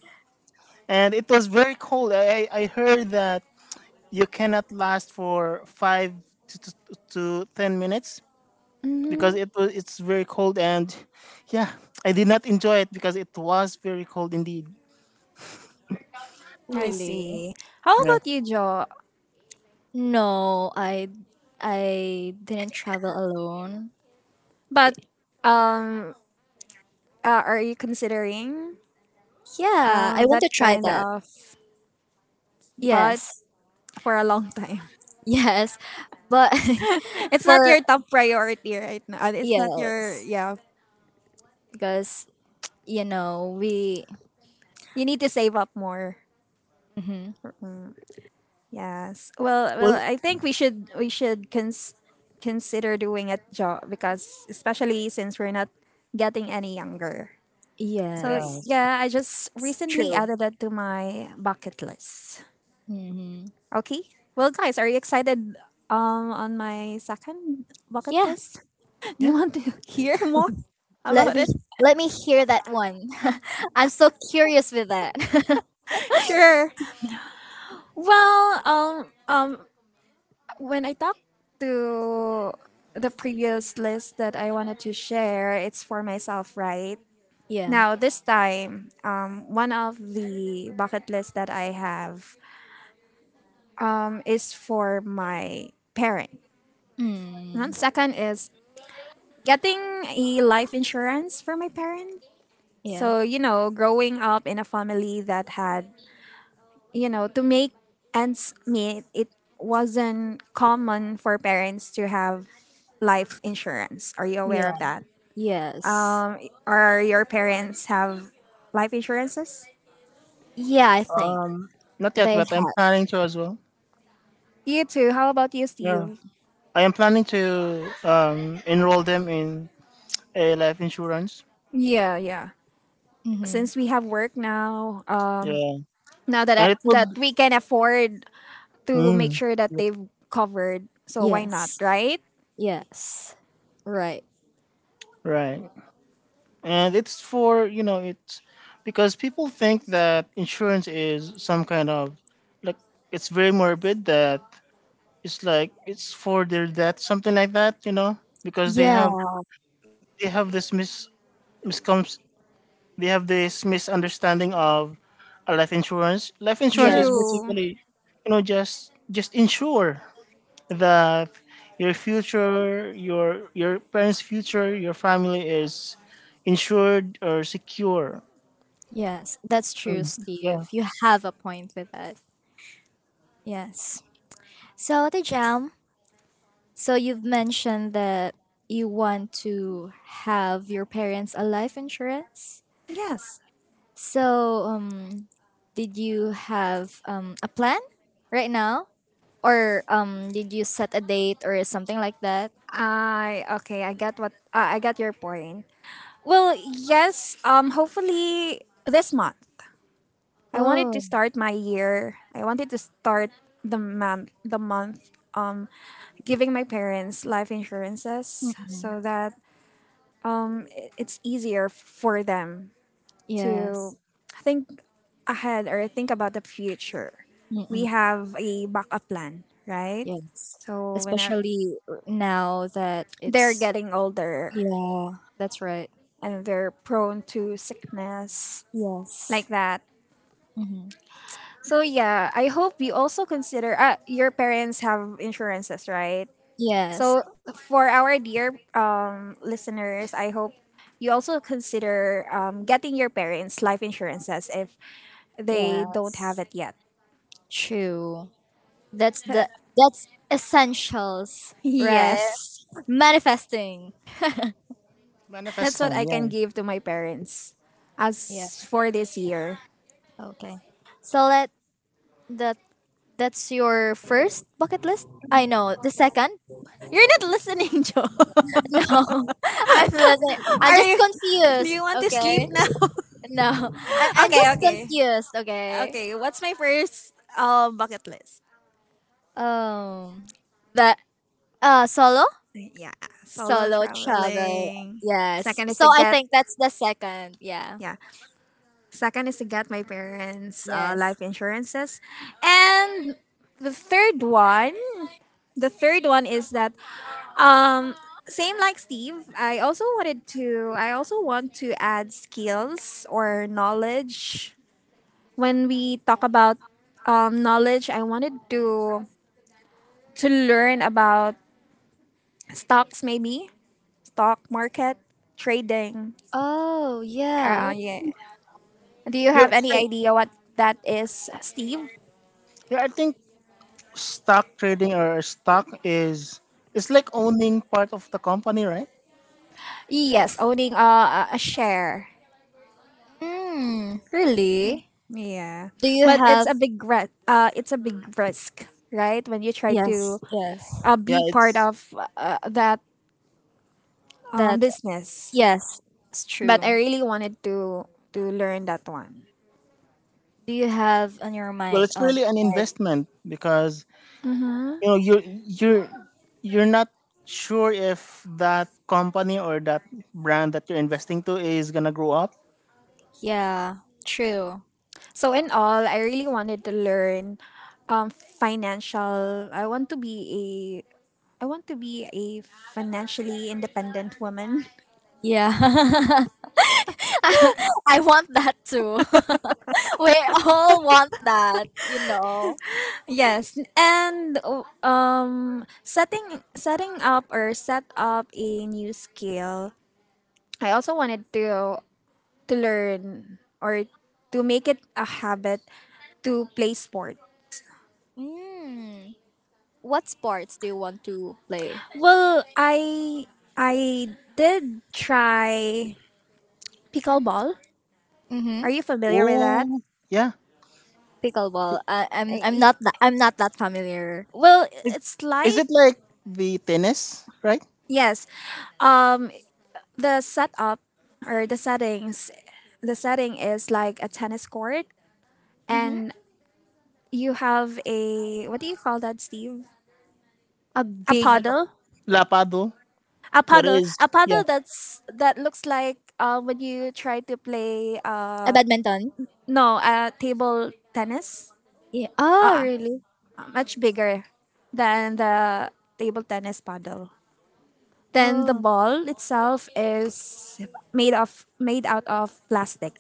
Speaker 3: and it was very cold. I heard that you cannot last for five to to, to 10 minutes because
Speaker 1: Mhm.
Speaker 3: it was it's very cold, and yeah, I did not enjoy it because it was very cold indeed.
Speaker 1: I
Speaker 2: Really?
Speaker 1: see. How
Speaker 3: Yeah.
Speaker 1: about you, Joe?
Speaker 2: No, I didn't travel alone.
Speaker 1: But um, are you considering
Speaker 2: Yeah, I want
Speaker 1: that
Speaker 2: to try
Speaker 1: kind
Speaker 2: that.
Speaker 1: of but
Speaker 2: Yes.
Speaker 1: for a long time?
Speaker 2: Yes. But
Speaker 1: *laughs*
Speaker 2: *laughs*
Speaker 1: It's not
Speaker 2: for
Speaker 1: your top priority right now. It's not your
Speaker 2: yes,
Speaker 1: yeah.
Speaker 2: because we
Speaker 1: You need to save up more.
Speaker 2: Mhm.
Speaker 1: Mm, yes. Well,
Speaker 3: Well,
Speaker 1: I think we should consider doing it, Joe, because especially since we're not getting any younger. So
Speaker 2: yes.
Speaker 3: yes.
Speaker 1: yeah, I just recently
Speaker 2: True.
Speaker 1: added that to my bucket list.
Speaker 2: Mhm.
Speaker 1: Okay. Well, guys, are you excited on my second bucket
Speaker 2: Yeah.
Speaker 1: list? *laughs* Do you
Speaker 3: Yeah.
Speaker 1: want to *laughs* hear more
Speaker 2: Let
Speaker 1: about
Speaker 2: me
Speaker 1: it?
Speaker 2: let me hear that one. *laughs* I'm so curious with that. *laughs*
Speaker 1: Sure. Well, when I talked to the previous list that I wanted to share, it's for myself, right?
Speaker 2: yeah.
Speaker 1: Now, this time, one of the bucket lists that I have is for my parent.
Speaker 2: Mm.
Speaker 1: And second is getting a life insurance for my parent.
Speaker 2: Yeah.
Speaker 1: So, you know, growing up in a family that had, you know, to make ends meet, it wasn't common for parents to have life insurance. Are you aware
Speaker 2: Yeah.
Speaker 1: of that?
Speaker 2: Yes.
Speaker 1: Um, or your parents have life insurances?
Speaker 2: Yeah, I think
Speaker 3: Not yet,
Speaker 2: they
Speaker 3: but I'm planning to as well.
Speaker 1: You too. How about you,
Speaker 3: Yeah.
Speaker 1: Steve?
Speaker 3: I am planning to, enroll them in a life insurance.
Speaker 1: Yeah, yeah.
Speaker 2: Mhm.
Speaker 1: Since we have work now,
Speaker 3: Yeah,
Speaker 1: now that
Speaker 3: and it
Speaker 1: that
Speaker 3: would,
Speaker 1: we can afford to make
Speaker 3: mm,
Speaker 1: sure that they've covered, so why not,
Speaker 2: Yes.
Speaker 1: right?
Speaker 2: Yes. Right.
Speaker 3: right, and it's for you know it's because people think that insurance is some kind of, like, it's very morbid, that it's like it's for their death, something like that because they
Speaker 2: Yeah.
Speaker 3: have they have miscoms this misunderstanding of a life insurance. Life insurance is
Speaker 2: Yes.
Speaker 1: True.
Speaker 3: basically just insure that your future, your parents' future, your family is insured or secure.
Speaker 2: Yes. That's true,
Speaker 3: Mm, yeah,
Speaker 2: Steve. You have a point with that. Yes. So, the jam. So, you've mentioned that you want to have your parents a life insurance.
Speaker 1: Yes.
Speaker 2: So, did you have a plan right now? Or did you set a date or something like that?
Speaker 1: I okay, I get what I got your point. Well, yes, hopefully this month. I wanted to
Speaker 2: Oh,
Speaker 1: start my year. I wanted to start the month giving my parents life insurances
Speaker 2: mm-mm.
Speaker 1: so that it's easier for them to
Speaker 2: yes.
Speaker 1: think ahead or think about the future. We have a backup plan, right?
Speaker 2: Yes.
Speaker 1: So whenever
Speaker 2: Especially now that
Speaker 1: they're
Speaker 2: it's
Speaker 1: getting older,
Speaker 2: yeah, that's right.
Speaker 1: and they're prone to sickness
Speaker 2: Yes.
Speaker 1: like that.
Speaker 2: hmm
Speaker 1: So yeah, I hope you also consider your parents have insurances, right?
Speaker 2: Yes.
Speaker 1: So for our dear listeners, I hope you also consider getting your parents life insurances if they don't have
Speaker 2: Yes.
Speaker 1: it yet.
Speaker 2: True. That's the
Speaker 1: *laughs*
Speaker 2: that's essentials, right?
Speaker 1: Yes.
Speaker 2: Manifesting.
Speaker 1: That's
Speaker 3: manifest
Speaker 1: what
Speaker 3: loan.
Speaker 1: I can
Speaker 3: Yeah.
Speaker 1: give to my parents
Speaker 2: Yeah.
Speaker 1: as for this year.
Speaker 2: Okay. So let that that's your first bucket list? I know. The second? *laughs*
Speaker 1: You're not listening, *laughs* Joe.
Speaker 2: No. *laughs* I'm listening. I'm
Speaker 1: Are
Speaker 2: just
Speaker 1: you do
Speaker 2: confused,
Speaker 1: you want to sleep
Speaker 2: okay?
Speaker 1: now?
Speaker 2: No. I
Speaker 1: *laughs*
Speaker 2: I'm
Speaker 1: Okay,
Speaker 2: just
Speaker 1: okay.
Speaker 2: confused, okay?
Speaker 1: Okay, what's my first bucket list?
Speaker 2: Um, the solo
Speaker 1: Yeah, solo
Speaker 2: travel.
Speaker 1: traveling.
Speaker 2: Yes.
Speaker 1: Second is
Speaker 2: So
Speaker 1: to
Speaker 2: I
Speaker 1: get
Speaker 2: think that's the second. Yeah.
Speaker 1: yeah. Second is to get my parents'
Speaker 2: Yes.
Speaker 1: life insurances, and the third one, the third one is that um same like Steve, I also wanted to I also want to add skills or knowledge when we talk about knowledge. I wanted to learn about stocks, maybe stock market trading.
Speaker 2: Oh yeah.
Speaker 1: Yeah. Do you have
Speaker 3: You're,
Speaker 1: any
Speaker 3: so,
Speaker 1: idea what that is, Steve?
Speaker 3: yeah, I think stock trading or stock is, it's like owning part of the company, right?
Speaker 1: Yes, owning a share.
Speaker 2: Hmm. Really?
Speaker 1: Yeah,
Speaker 2: Do you
Speaker 1: but it's
Speaker 2: have?
Speaker 1: a it's a big risk, right? When you try to
Speaker 2: Yes. Yes.
Speaker 3: Yeah,
Speaker 1: be part
Speaker 3: it's,
Speaker 1: of that
Speaker 2: That.
Speaker 1: business.
Speaker 2: Yes. It's
Speaker 1: But
Speaker 2: true.
Speaker 1: I really wanted to learn that one.
Speaker 2: Do you have on your
Speaker 3: well,
Speaker 2: mind?
Speaker 3: it's really an investment because you know you you're you're not sure if that company or that brand that you're investing to is gonna grow up.
Speaker 2: Yeah. True.
Speaker 1: So in all, I really wanted to learn financial. I want to be a financially independent woman. *laughs*
Speaker 2: Yeah. *laughs* I want that too. *laughs* we all want that. You know.
Speaker 1: Yes, and oh, set up a new skill. I also wanted to learn or to make it a habit to play sports.
Speaker 2: Hmm. What sports do you want to play?
Speaker 1: Well, I did try pickleball. Are
Speaker 2: Mm-hmm.
Speaker 1: you familiar with that?
Speaker 3: Oh, yeah.
Speaker 2: Pickleball. I'm
Speaker 1: I-
Speaker 2: not that I'm not that familiar.
Speaker 1: well,
Speaker 3: Is,
Speaker 1: it's
Speaker 3: is
Speaker 1: like
Speaker 3: it like the tennis, right?
Speaker 1: yes. Um, the setup or the settings, the setting is like a tennis court,
Speaker 2: Mm-hmm.
Speaker 1: and you have a what do you call that, Steve?
Speaker 2: A
Speaker 1: A
Speaker 2: big
Speaker 3: It's like a
Speaker 1: paddle,
Speaker 3: lapado. There is.
Speaker 1: a
Speaker 3: Yeah.
Speaker 1: paddle that's that looks like when you try to play
Speaker 2: a badminton.
Speaker 1: no table tennis.
Speaker 2: Yeah. Oh, really?
Speaker 1: Much bigger than the table tennis paddle, then the
Speaker 2: Oh,
Speaker 1: ball itself is made of made out of plastic.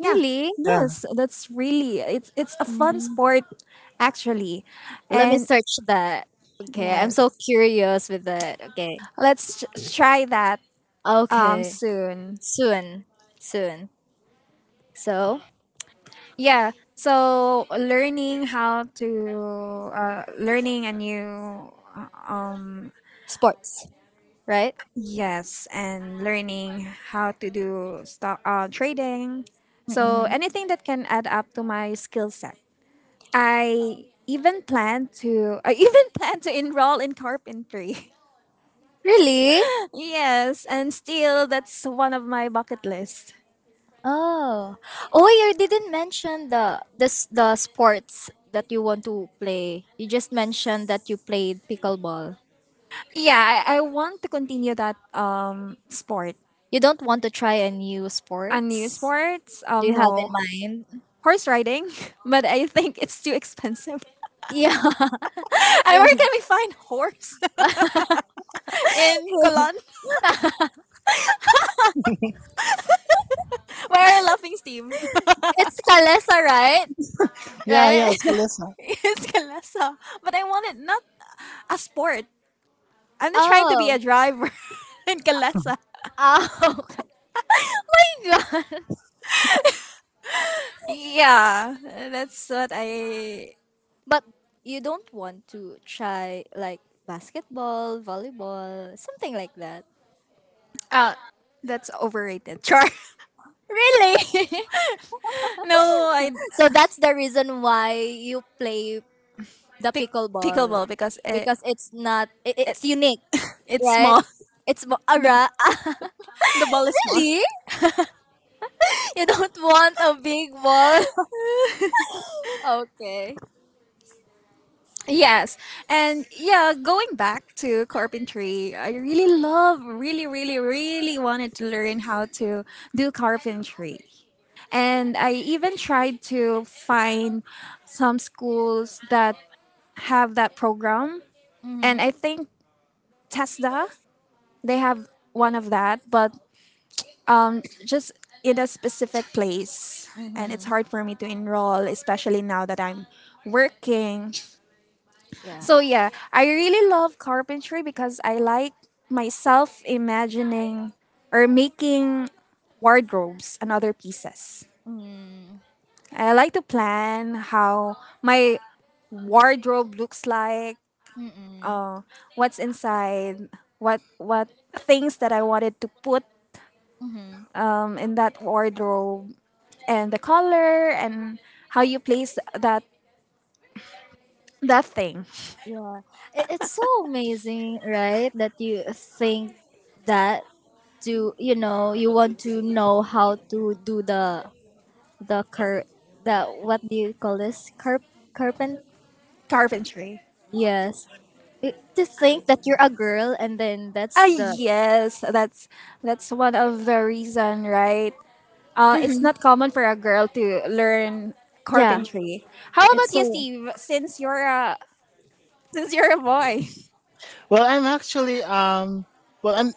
Speaker 1: Yeah.
Speaker 2: really?
Speaker 3: Yeah.
Speaker 1: Yes, that's really it's a fun
Speaker 2: Hmm
Speaker 1: sport, actually.
Speaker 2: Let me
Speaker 1: And
Speaker 2: search that. Okay, I'm so
Speaker 1: yes,
Speaker 2: curious with that. Okay.
Speaker 1: let's try that
Speaker 2: Okay.
Speaker 1: soon.
Speaker 2: Soon. Soon. So
Speaker 1: Yeah. So learning how to learning a new
Speaker 2: sports, right?
Speaker 1: yes, and learning how to do stock trading. So
Speaker 2: Mm-hmm.
Speaker 1: anything that can add up to my skill set. I even *laughs* plan to enroll in carpentry.
Speaker 2: Really?
Speaker 1: Yes, and still that's one of my bucket list.
Speaker 2: Oh. Oh, you didn't mention the sports that you want to play. You just mentioned that you played pickleball.
Speaker 1: Yeah, I want to continue that sport.
Speaker 2: You don't want to try a new
Speaker 1: A new
Speaker 2: sports?
Speaker 1: sports?
Speaker 2: Do you have in
Speaker 1: No.
Speaker 2: mind?
Speaker 1: Horse riding. *laughs* But I think it's too expensive. *laughs*
Speaker 2: Yeah, *laughs*
Speaker 1: And where
Speaker 2: yeah.
Speaker 1: can we find horse? *laughs* In Colon?
Speaker 2: *laughs*
Speaker 1: *laughs* Why are you laughing, Steve?
Speaker 2: It's Kalesa, right?
Speaker 3: Yeah, yeah,
Speaker 2: Right?
Speaker 3: it's
Speaker 2: *laughs*
Speaker 1: *laughs*
Speaker 3: Kalesa.
Speaker 1: It's Kalesa. But I want it not a sport. I'm not trying to be
Speaker 2: Oh,
Speaker 1: a driver *laughs* in Kalesa.
Speaker 2: oh, *laughs* okay. God.
Speaker 1: Yeah. That's what I
Speaker 2: But you don't want to try like basketball, volleyball, something like that.
Speaker 1: uh that's overrated. Char. *laughs*
Speaker 2: Really?
Speaker 1: No, I
Speaker 2: *laughs* so that's the reason why you play the
Speaker 1: pick
Speaker 2: pickleball
Speaker 1: pickleball because
Speaker 2: because it's not it.
Speaker 1: it
Speaker 2: it's unique,
Speaker 1: it's
Speaker 2: right?
Speaker 1: small.
Speaker 2: It's mo-
Speaker 1: *laughs* the,
Speaker 2: ara
Speaker 1: the ball
Speaker 2: *laughs*
Speaker 1: is small.
Speaker 2: really. You don't want a big wall. *laughs* okay.
Speaker 1: Yes. And yeah, going back to carpentry, I really love, really, really, really wanted to learn how to do carpentry. And I even tried to find some schools that have that program. And
Speaker 2: Mhm.
Speaker 1: I think Tesla, they have one of that, but just in a specific place. And it's
Speaker 2: Mhm.
Speaker 1: hard for me to enroll, especially now that I'm working.
Speaker 2: Yeah.
Speaker 1: So, yeah, I really love carpentry because I like myself imagining or making wardrobes and other pieces.
Speaker 2: Mm.
Speaker 1: I like to plan how my wardrobe looks like,
Speaker 2: Mm.
Speaker 1: what's inside, what things that I wanted to put
Speaker 2: Mhm.
Speaker 1: in that wardrobe, and the color and how you place that thing.
Speaker 2: Yeah. It's so amazing, right? That you think that to you want to know how to do the cur the what do you call this carp carpent,
Speaker 1: Carpentry.
Speaker 2: yes. It- to think that you're a girl and then
Speaker 1: Ah
Speaker 2: that's the
Speaker 1: yes, that's one of the reason, right? It's
Speaker 2: Mhm.
Speaker 1: not common for a girl to learn
Speaker 2: yeah
Speaker 1: carpentry. How
Speaker 2: it's
Speaker 1: about you,
Speaker 2: so
Speaker 1: Steve? Since you're a boy,
Speaker 3: Well, I'm actually, well, I'm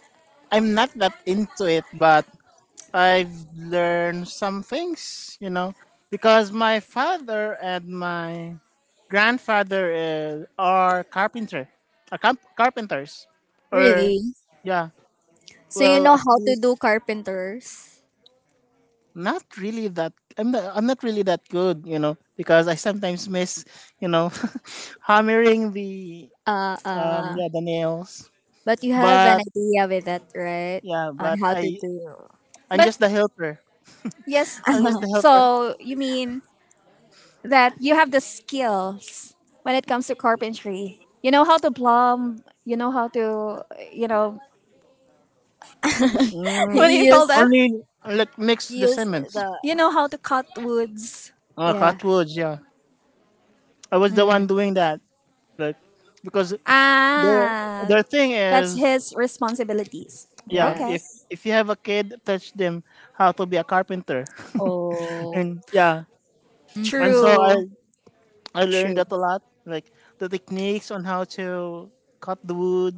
Speaker 3: I'm not that into it, but I've learned some things, because my father and my grandfather, are carpenter, are camp- carpenters, or
Speaker 2: really
Speaker 3: yeah.
Speaker 2: so
Speaker 3: Well, at
Speaker 2: how to
Speaker 3: least,
Speaker 2: do carpenters.
Speaker 3: not really that I'm not really that good, because I sometimes miss, you know, *laughs* hammering the,
Speaker 2: Uh, uh,
Speaker 3: yeah, the nails.
Speaker 2: but you have an
Speaker 3: But
Speaker 2: idea with that, right?
Speaker 3: yeah,
Speaker 2: On
Speaker 3: but
Speaker 2: how to
Speaker 3: I
Speaker 2: do.
Speaker 3: I'm
Speaker 1: but
Speaker 3: just the helper.
Speaker 1: yes,
Speaker 3: I'm
Speaker 1: Steve.
Speaker 3: just the
Speaker 2: *laughs*
Speaker 3: helper.
Speaker 1: So you mean that you have the skills when it comes to carpentry? You know how to plumb. You know how to you know
Speaker 2: you
Speaker 1: what
Speaker 3: Mm,
Speaker 1: do you call
Speaker 2: use
Speaker 1: that?
Speaker 3: only like mix the
Speaker 2: you use
Speaker 3: cements.
Speaker 1: You
Speaker 2: the
Speaker 1: know how to cut woods.
Speaker 2: yeah.
Speaker 3: Cutwoods, yeah. I was the
Speaker 2: Mm,
Speaker 3: one doing that. Like because the
Speaker 1: Ah,
Speaker 3: their thing
Speaker 1: that's
Speaker 3: is,
Speaker 1: his responsibilities.
Speaker 3: yeah, if
Speaker 1: Okay.
Speaker 2: yes.
Speaker 3: if you have a kid, teach them how to be a carpenter. *laughs*
Speaker 2: Oh.
Speaker 3: And yeah. And so
Speaker 2: Mm-mm.
Speaker 3: I
Speaker 1: True.
Speaker 3: I learned
Speaker 2: True.
Speaker 3: that a lot, like the techniques on how to cut the wood.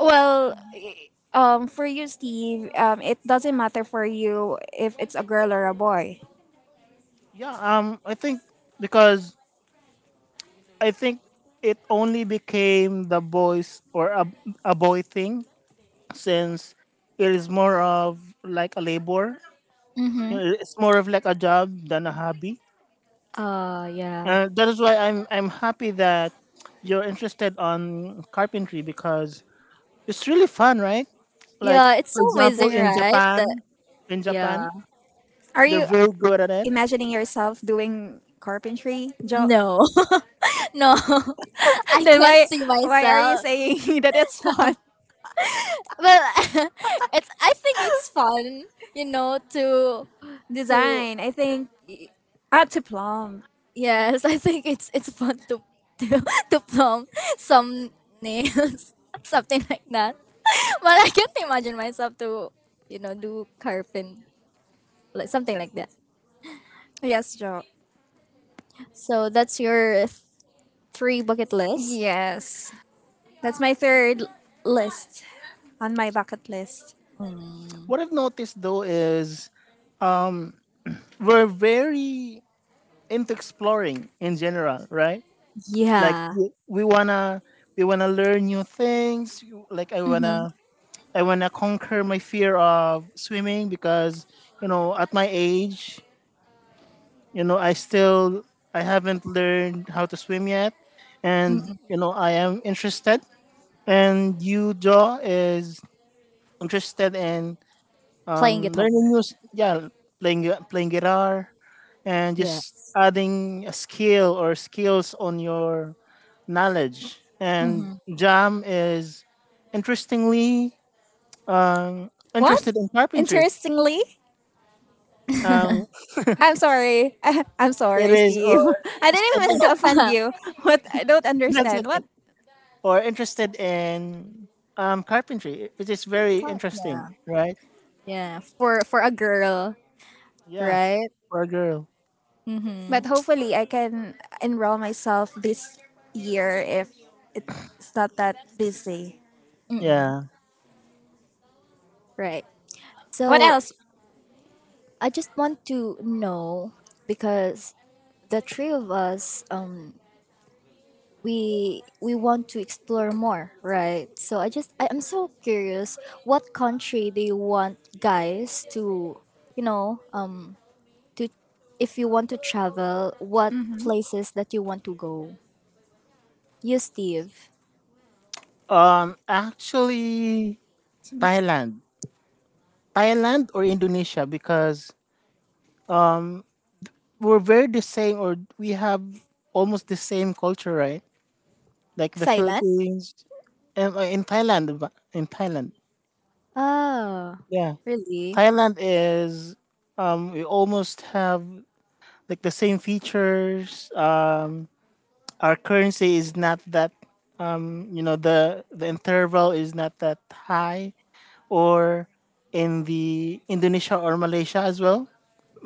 Speaker 1: Well, for you, Steve, it doesn't matter for you if it's a girl or a boy.
Speaker 3: Yeah, I think because I think it only became the boys or a boy thing since it is more of like a labor. You
Speaker 2: Mm-hmm.
Speaker 3: know, it's more of like a job than a hobby,
Speaker 2: Yeah.
Speaker 3: and that is why I'm happy that you're interested on carpentry because it's really fun, right? Like
Speaker 2: Yeah, it's
Speaker 3: for
Speaker 2: so
Speaker 3: example,
Speaker 2: amazing, right? That
Speaker 3: In
Speaker 2: yeah.
Speaker 3: Japan,
Speaker 1: Are
Speaker 3: they're
Speaker 1: you
Speaker 3: very good at it.
Speaker 1: imagining yourself doing carpentry, Joe?
Speaker 2: No, *laughs* no, *laughs*
Speaker 1: *laughs*
Speaker 2: I
Speaker 1: Then
Speaker 2: can't see
Speaker 1: why are you
Speaker 2: myself.
Speaker 1: saying *laughs* that it's fun?
Speaker 2: Well, *laughs* it's. I think it's fun, to to
Speaker 1: Design, I think. Ah, to plumb.
Speaker 2: Yes, *laughs* I think it's fun to *laughs* to, to plumb some nails, *laughs* something like that. But I can't imagine myself to, do carpent like something like that.
Speaker 1: Yes, Joe.
Speaker 2: So that's your three bucket list.
Speaker 1: Yes. That's my third list on my bucket list.
Speaker 2: Mm,
Speaker 3: What I've noticed though is we're very into exploring in general, right? Like
Speaker 2: yeah.
Speaker 3: we wanna learn new things. Like I
Speaker 2: Mm-hmm.
Speaker 3: wanna I wanna conquer my fear of swimming because at my age, I still I haven't learned how to swim yet, and
Speaker 2: Mm-mm.
Speaker 3: you know I am interested. And you, Joe, is interested in,
Speaker 2: Playing guitar.
Speaker 3: learning new. Yeah, playing playing guitar, and
Speaker 2: Yeah.
Speaker 3: just adding a skill or skills on your knowledge. And
Speaker 2: Mm-hmm.
Speaker 3: Jam is interestingly,
Speaker 1: What?
Speaker 3: interested in carpentry.
Speaker 1: Interestingly,
Speaker 3: Um,
Speaker 2: *laughs*
Speaker 1: I'm sorry. *laughs* I'm
Speaker 3: it
Speaker 1: sorry,
Speaker 3: is or
Speaker 1: Steve. *laughs* I didn't
Speaker 3: interested
Speaker 1: mean
Speaker 3: in,
Speaker 1: to offend
Speaker 2: yeah.
Speaker 1: you. *laughs* What I don't
Speaker 3: *laughs* that's
Speaker 1: understand.
Speaker 3: okay,
Speaker 1: What?
Speaker 3: or interested in, carpentry, which is very interesting, right?
Speaker 2: Yeah. For a girl,
Speaker 3: Yeah,
Speaker 2: right?
Speaker 3: for a girl.
Speaker 2: Mm-hmm.
Speaker 1: But hopefully, I can enroll myself this year if it's not that busy.
Speaker 2: Mm-mm.
Speaker 3: Yeah.
Speaker 2: Right.
Speaker 1: What
Speaker 2: So
Speaker 1: else?
Speaker 2: I just want to know because the three of us, we want to explore more, right? So I'm so curious. What country do you want guys to, you know, um, to if you want to travel, what places that you want to go? You, Steve.
Speaker 3: Actually, Thailand, Thailand or Indonesia, because we're very the same or we have almost the same culture, right, like the
Speaker 2: Thailand?
Speaker 3: Philippines and, in Thailand. In Thailand,
Speaker 2: Oh,
Speaker 3: yeah,
Speaker 2: really?
Speaker 3: Thailand is, we almost have like the same features. Our currency is not that, the interval is not that high. Or in the Indonesia or Malaysia as well.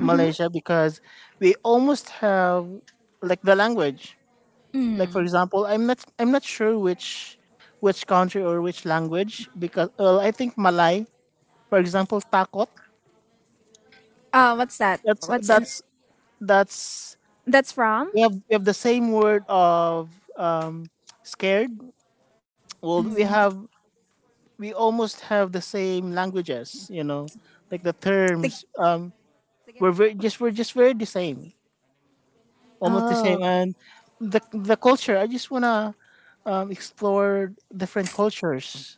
Speaker 1: Mm-hmm.
Speaker 3: because we almost have like the language. Like for
Speaker 2: Mm.
Speaker 3: example, I'm not sure which country or which language, because well, I think Malay, for example, takot,
Speaker 1: What's that?
Speaker 3: that's
Speaker 1: What's in?
Speaker 3: that's that's
Speaker 1: That's from.
Speaker 3: we have the same word of, um scared. Well, we
Speaker 2: mm.
Speaker 3: have, we almost have the same languages, you know, like the
Speaker 1: The.
Speaker 3: terms, we're very just we're just very the same, almost the
Speaker 2: Oh.
Speaker 3: same. And the culture. I just want to, explore different cultures.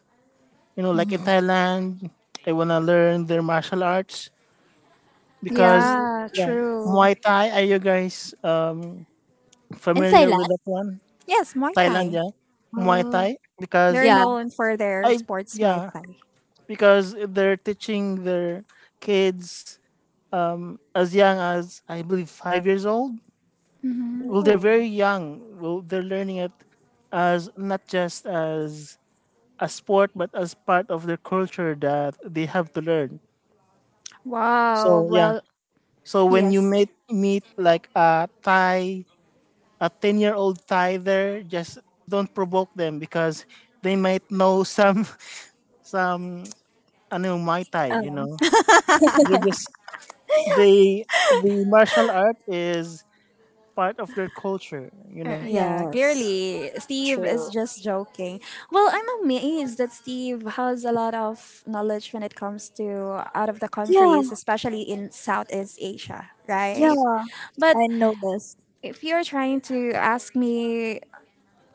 Speaker 3: You know, like in
Speaker 2: Mm-hmm.
Speaker 3: Thailand, I wanna learn their martial arts because
Speaker 1: Yeah,
Speaker 3: yeah,
Speaker 1: true.
Speaker 3: Muay Thai. Are you guys
Speaker 2: In
Speaker 3: familiar
Speaker 2: Thailand?
Speaker 3: with that one?
Speaker 1: Yes, Muay
Speaker 3: Thailand,
Speaker 1: Thai.
Speaker 3: yeah, Muay
Speaker 2: Oh.
Speaker 3: Thai. Because
Speaker 1: They're
Speaker 2: Yeah.
Speaker 1: known for their
Speaker 3: I
Speaker 1: sports Muay
Speaker 3: yeah,
Speaker 1: Thai.
Speaker 3: because they're teaching their kids as young as, I believe, 5 years old. Well, they're
Speaker 2: Ooh.
Speaker 3: very young. Well, they're learning it as not just as a sport, but as part of their culture that they have to learn.
Speaker 1: Wow.
Speaker 3: So yeah,
Speaker 1: Well,
Speaker 3: so when you
Speaker 1: yes.
Speaker 3: meet like a Thai, a 10-year-old Thai there, just don't provoke them because they might know some *laughs* some I know Muay Thai. You know, they just they the martial art is part of their culture. You know.
Speaker 1: Yeah,
Speaker 2: Yes,
Speaker 1: clearly Steve is
Speaker 2: true.
Speaker 1: just joking. Well, I'm amazed that Steve has a lot of knowledge when it comes to out of the
Speaker 2: Yeah,
Speaker 1: countries, especially in Southeast Asia,
Speaker 2: yeah,
Speaker 1: right? But
Speaker 2: I know this.
Speaker 1: if you're trying to ask me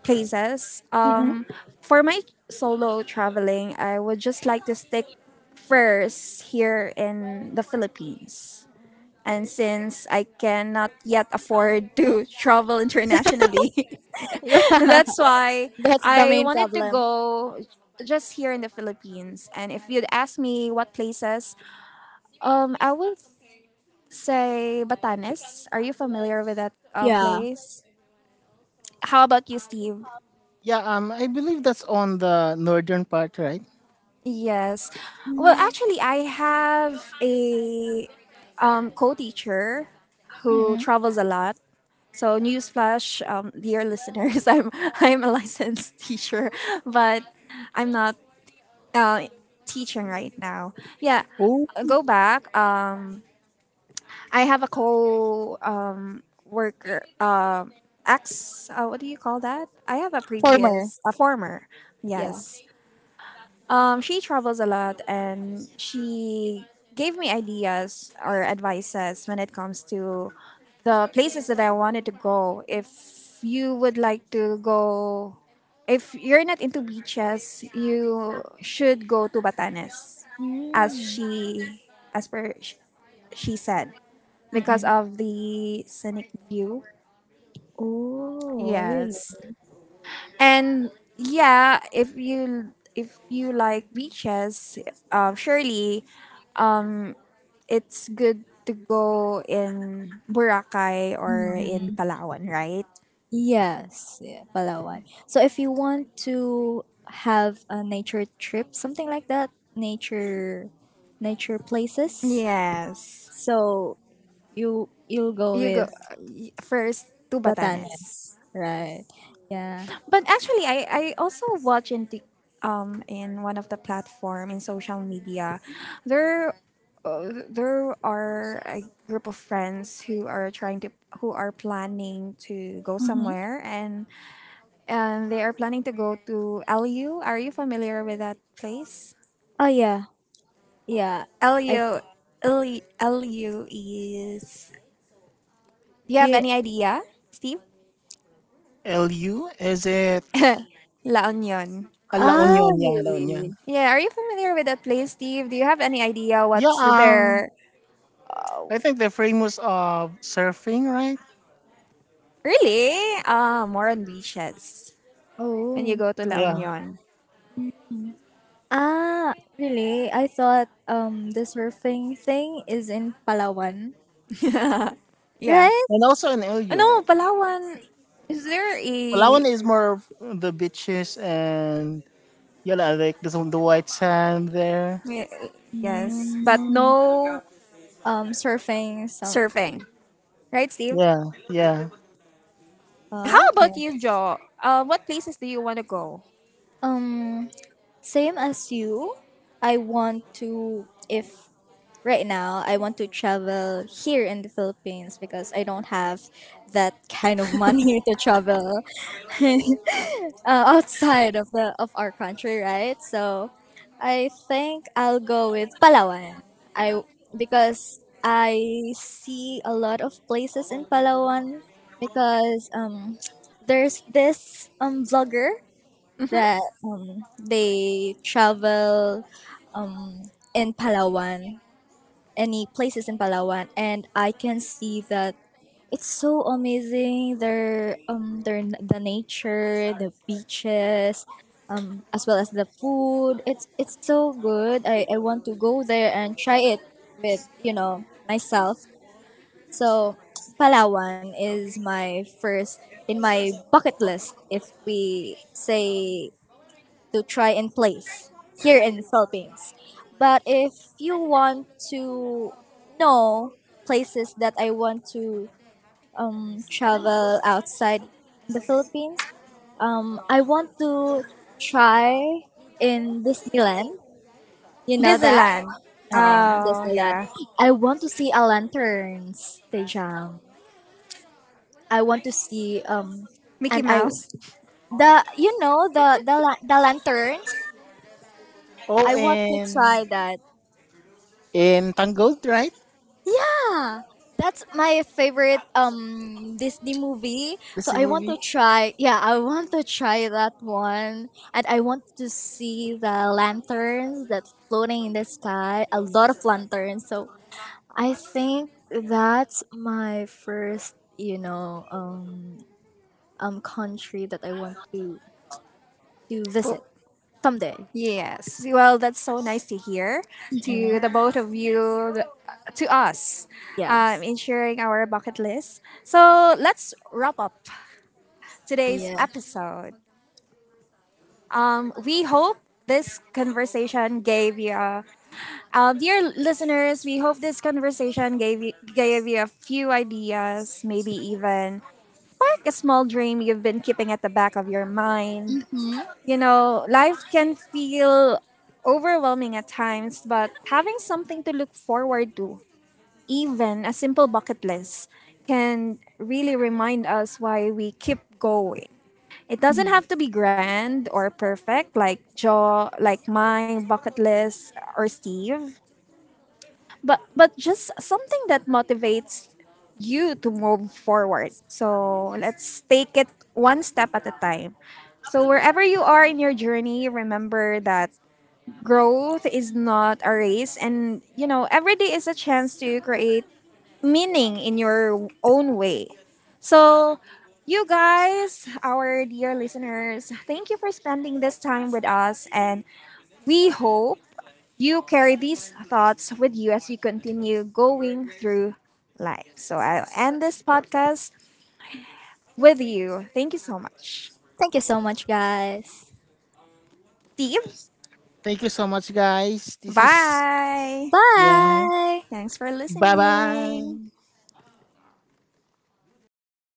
Speaker 1: places,
Speaker 2: Mm-mm.
Speaker 1: for my solo traveling, I would just like to stick first here in the Philippines. And since I cannot yet afford to *laughs* travel internationally,
Speaker 2: *laughs*
Speaker 1: *laughs*
Speaker 2: Yeah,
Speaker 1: that's why
Speaker 2: that's the
Speaker 1: I
Speaker 2: main
Speaker 1: wanted to
Speaker 2: problem.
Speaker 1: go just here in the Philippines. And if you'd ask me what places, I would say Batanes. Are you familiar with that
Speaker 2: Yeah.
Speaker 1: place? How about you, Steve?
Speaker 3: Yeah. I believe that's on the northern part, right?
Speaker 1: Yes. Well, actually, I have a co-teacher who
Speaker 2: Mm-mm.
Speaker 1: travels a lot. So newsflash, dear listeners, *laughs* I'm a licensed *laughs* teacher, but I'm not uh, teaching right now. Yeah,
Speaker 3: O
Speaker 1: go back. I have a co worker. Ex. What do you call that? I have a
Speaker 2: Former.
Speaker 1: previous, a former.
Speaker 2: Yeah.
Speaker 1: Yes. She travels a lot and she gave me ideas or advices when it comes to the places that I wanted to go. If you would like to go, if you're not into beaches, you should go to Batanes, as
Speaker 2: Mm.
Speaker 1: she, as per she said, because
Speaker 2: Mm-mm.
Speaker 1: of the scenic view.
Speaker 2: Oh, really?
Speaker 1: Yes. And yeah, if you like beaches, surely it's good to go in Boracay or in
Speaker 2: Mm.
Speaker 1: Palawan, right?
Speaker 2: Yes, yeah, Palawan. So if you want to have a nature trip, something like that, nature, nature places.
Speaker 1: Yes.
Speaker 2: So you you'll go
Speaker 1: You go
Speaker 2: with
Speaker 1: first to Batanes.
Speaker 2: Batanes, right? Yeah.
Speaker 1: But actually I also watch in Tik in one of the platform in social media. There there are a group of friends who are trying to who are planning to go
Speaker 2: Mm-hmm.
Speaker 1: somewhere and they are planning to go to LU. Are you familiar with that place?
Speaker 2: Oh yeah, Yeah, I
Speaker 1: Elio, Elio, Elio is. Do you have
Speaker 2: feel.
Speaker 1: any idea, Steve?
Speaker 3: L U is it?
Speaker 1: *laughs* La Union.
Speaker 3: Ah, La
Speaker 2: Ah,
Speaker 3: Union, yeah, La Union.
Speaker 2: really?
Speaker 1: Yeah, are you familiar with that place, Steve? Do you have any idea
Speaker 3: Yeah.
Speaker 1: what's there?
Speaker 3: I think they're famous of surfing, right?
Speaker 1: Really? Ah, more on beaches when you
Speaker 2: Oh.
Speaker 1: go to La
Speaker 3: Yeah.
Speaker 1: Union.
Speaker 2: Mm. Ah, really? I thought the surfing thing is in Palawan,
Speaker 1: *laughs* Yeah.
Speaker 2: right?
Speaker 3: And also in
Speaker 1: Ah, no,
Speaker 3: Ilio.
Speaker 1: Palawan. Is there a.
Speaker 3: Palawan is more of the beaches and yeah, like the white sand there.
Speaker 1: May- yes, but
Speaker 2: Mm.
Speaker 1: no
Speaker 2: Surfing some.
Speaker 1: surfing. Right, Steve?
Speaker 3: Yeah, yeah.
Speaker 1: How
Speaker 2: Oh, okay.
Speaker 1: about you, Joe? What places do you want to go?
Speaker 2: Um, same as you. I want to if right now I want to travel here in the Philippines because I don't have that kind of money *laughs* to travel. *laughs* *laughs* Outside of the of our country, right? So, I think I'll go with Palawan. I because I see a lot of places in Palawan because *tsk* there's this vlogger
Speaker 1: Mm-hmm.
Speaker 2: that they travel um in Palawan, any places in Palawan, and I can see that it's so amazing. Their the nature, the beaches, as well as the food. It's so good. I want to go there and try it with, myself. So Palawan is my first in my bucket list if we say to try and place here in the Philippines. But if you want to know places that I want to travel outside the Philippines. I want to try in Disneyland. You know that?
Speaker 1: Disneyland. Oh,
Speaker 2: Disneyland.
Speaker 1: yeah.
Speaker 2: I want to see a lanterns station. I want to see
Speaker 1: Mickey
Speaker 2: and I
Speaker 1: Mouse.
Speaker 2: the you know the lanterns.
Speaker 3: Oh,
Speaker 2: I want to
Speaker 3: and
Speaker 2: try that.
Speaker 3: in Tangled, right?
Speaker 2: Yeah, that's my favorite Disney movie.
Speaker 3: This
Speaker 2: So I want to
Speaker 3: movie.
Speaker 2: try. Yeah, I want to try that one, and I want to see the lanterns that floating in the sky. A lot of lanterns. So I think that's my first, country that I want to
Speaker 1: Oh,
Speaker 2: visit someday.
Speaker 1: yes. Well, that's so nice to hear to
Speaker 2: Mm
Speaker 1: the both of you, to us,
Speaker 2: Yes.
Speaker 1: in sharing our bucket list. So let's wrap up today's
Speaker 2: Yeah.
Speaker 1: episode. We hope this conversation gave you a dear listeners, we hope this conversation gave you, a few ideas, maybe even spark a small dream you've been keeping at the back of your mind.
Speaker 2: Mhm.
Speaker 1: You know, life can feel overwhelming at times, but having something to look forward to, even a simple bucket list, can really remind us why we keep going. It doesn't have
Speaker 2: Mhm.
Speaker 1: to be grand or perfect like Joe, like my bucket list or Steve, but just something that motivates you to move forward. So let's take it one step at a time. So wherever you are in your journey, remember that growth is not a race, and you know every day is a chance to create meaning in your own way. So you guys, our dear listeners, thank you for spending this time with us, and we hope you carry these thoughts with you as you continue going through life. So I'll end this podcast with you. Thank you so much.
Speaker 2: Thank you so much, guys.
Speaker 1: Steve,
Speaker 3: Thank you so much, guys. This is,
Speaker 1: bye.
Speaker 3: yeah.
Speaker 2: Bye.
Speaker 1: Thanks for
Speaker 3: Bye
Speaker 1: listening.
Speaker 3: bye.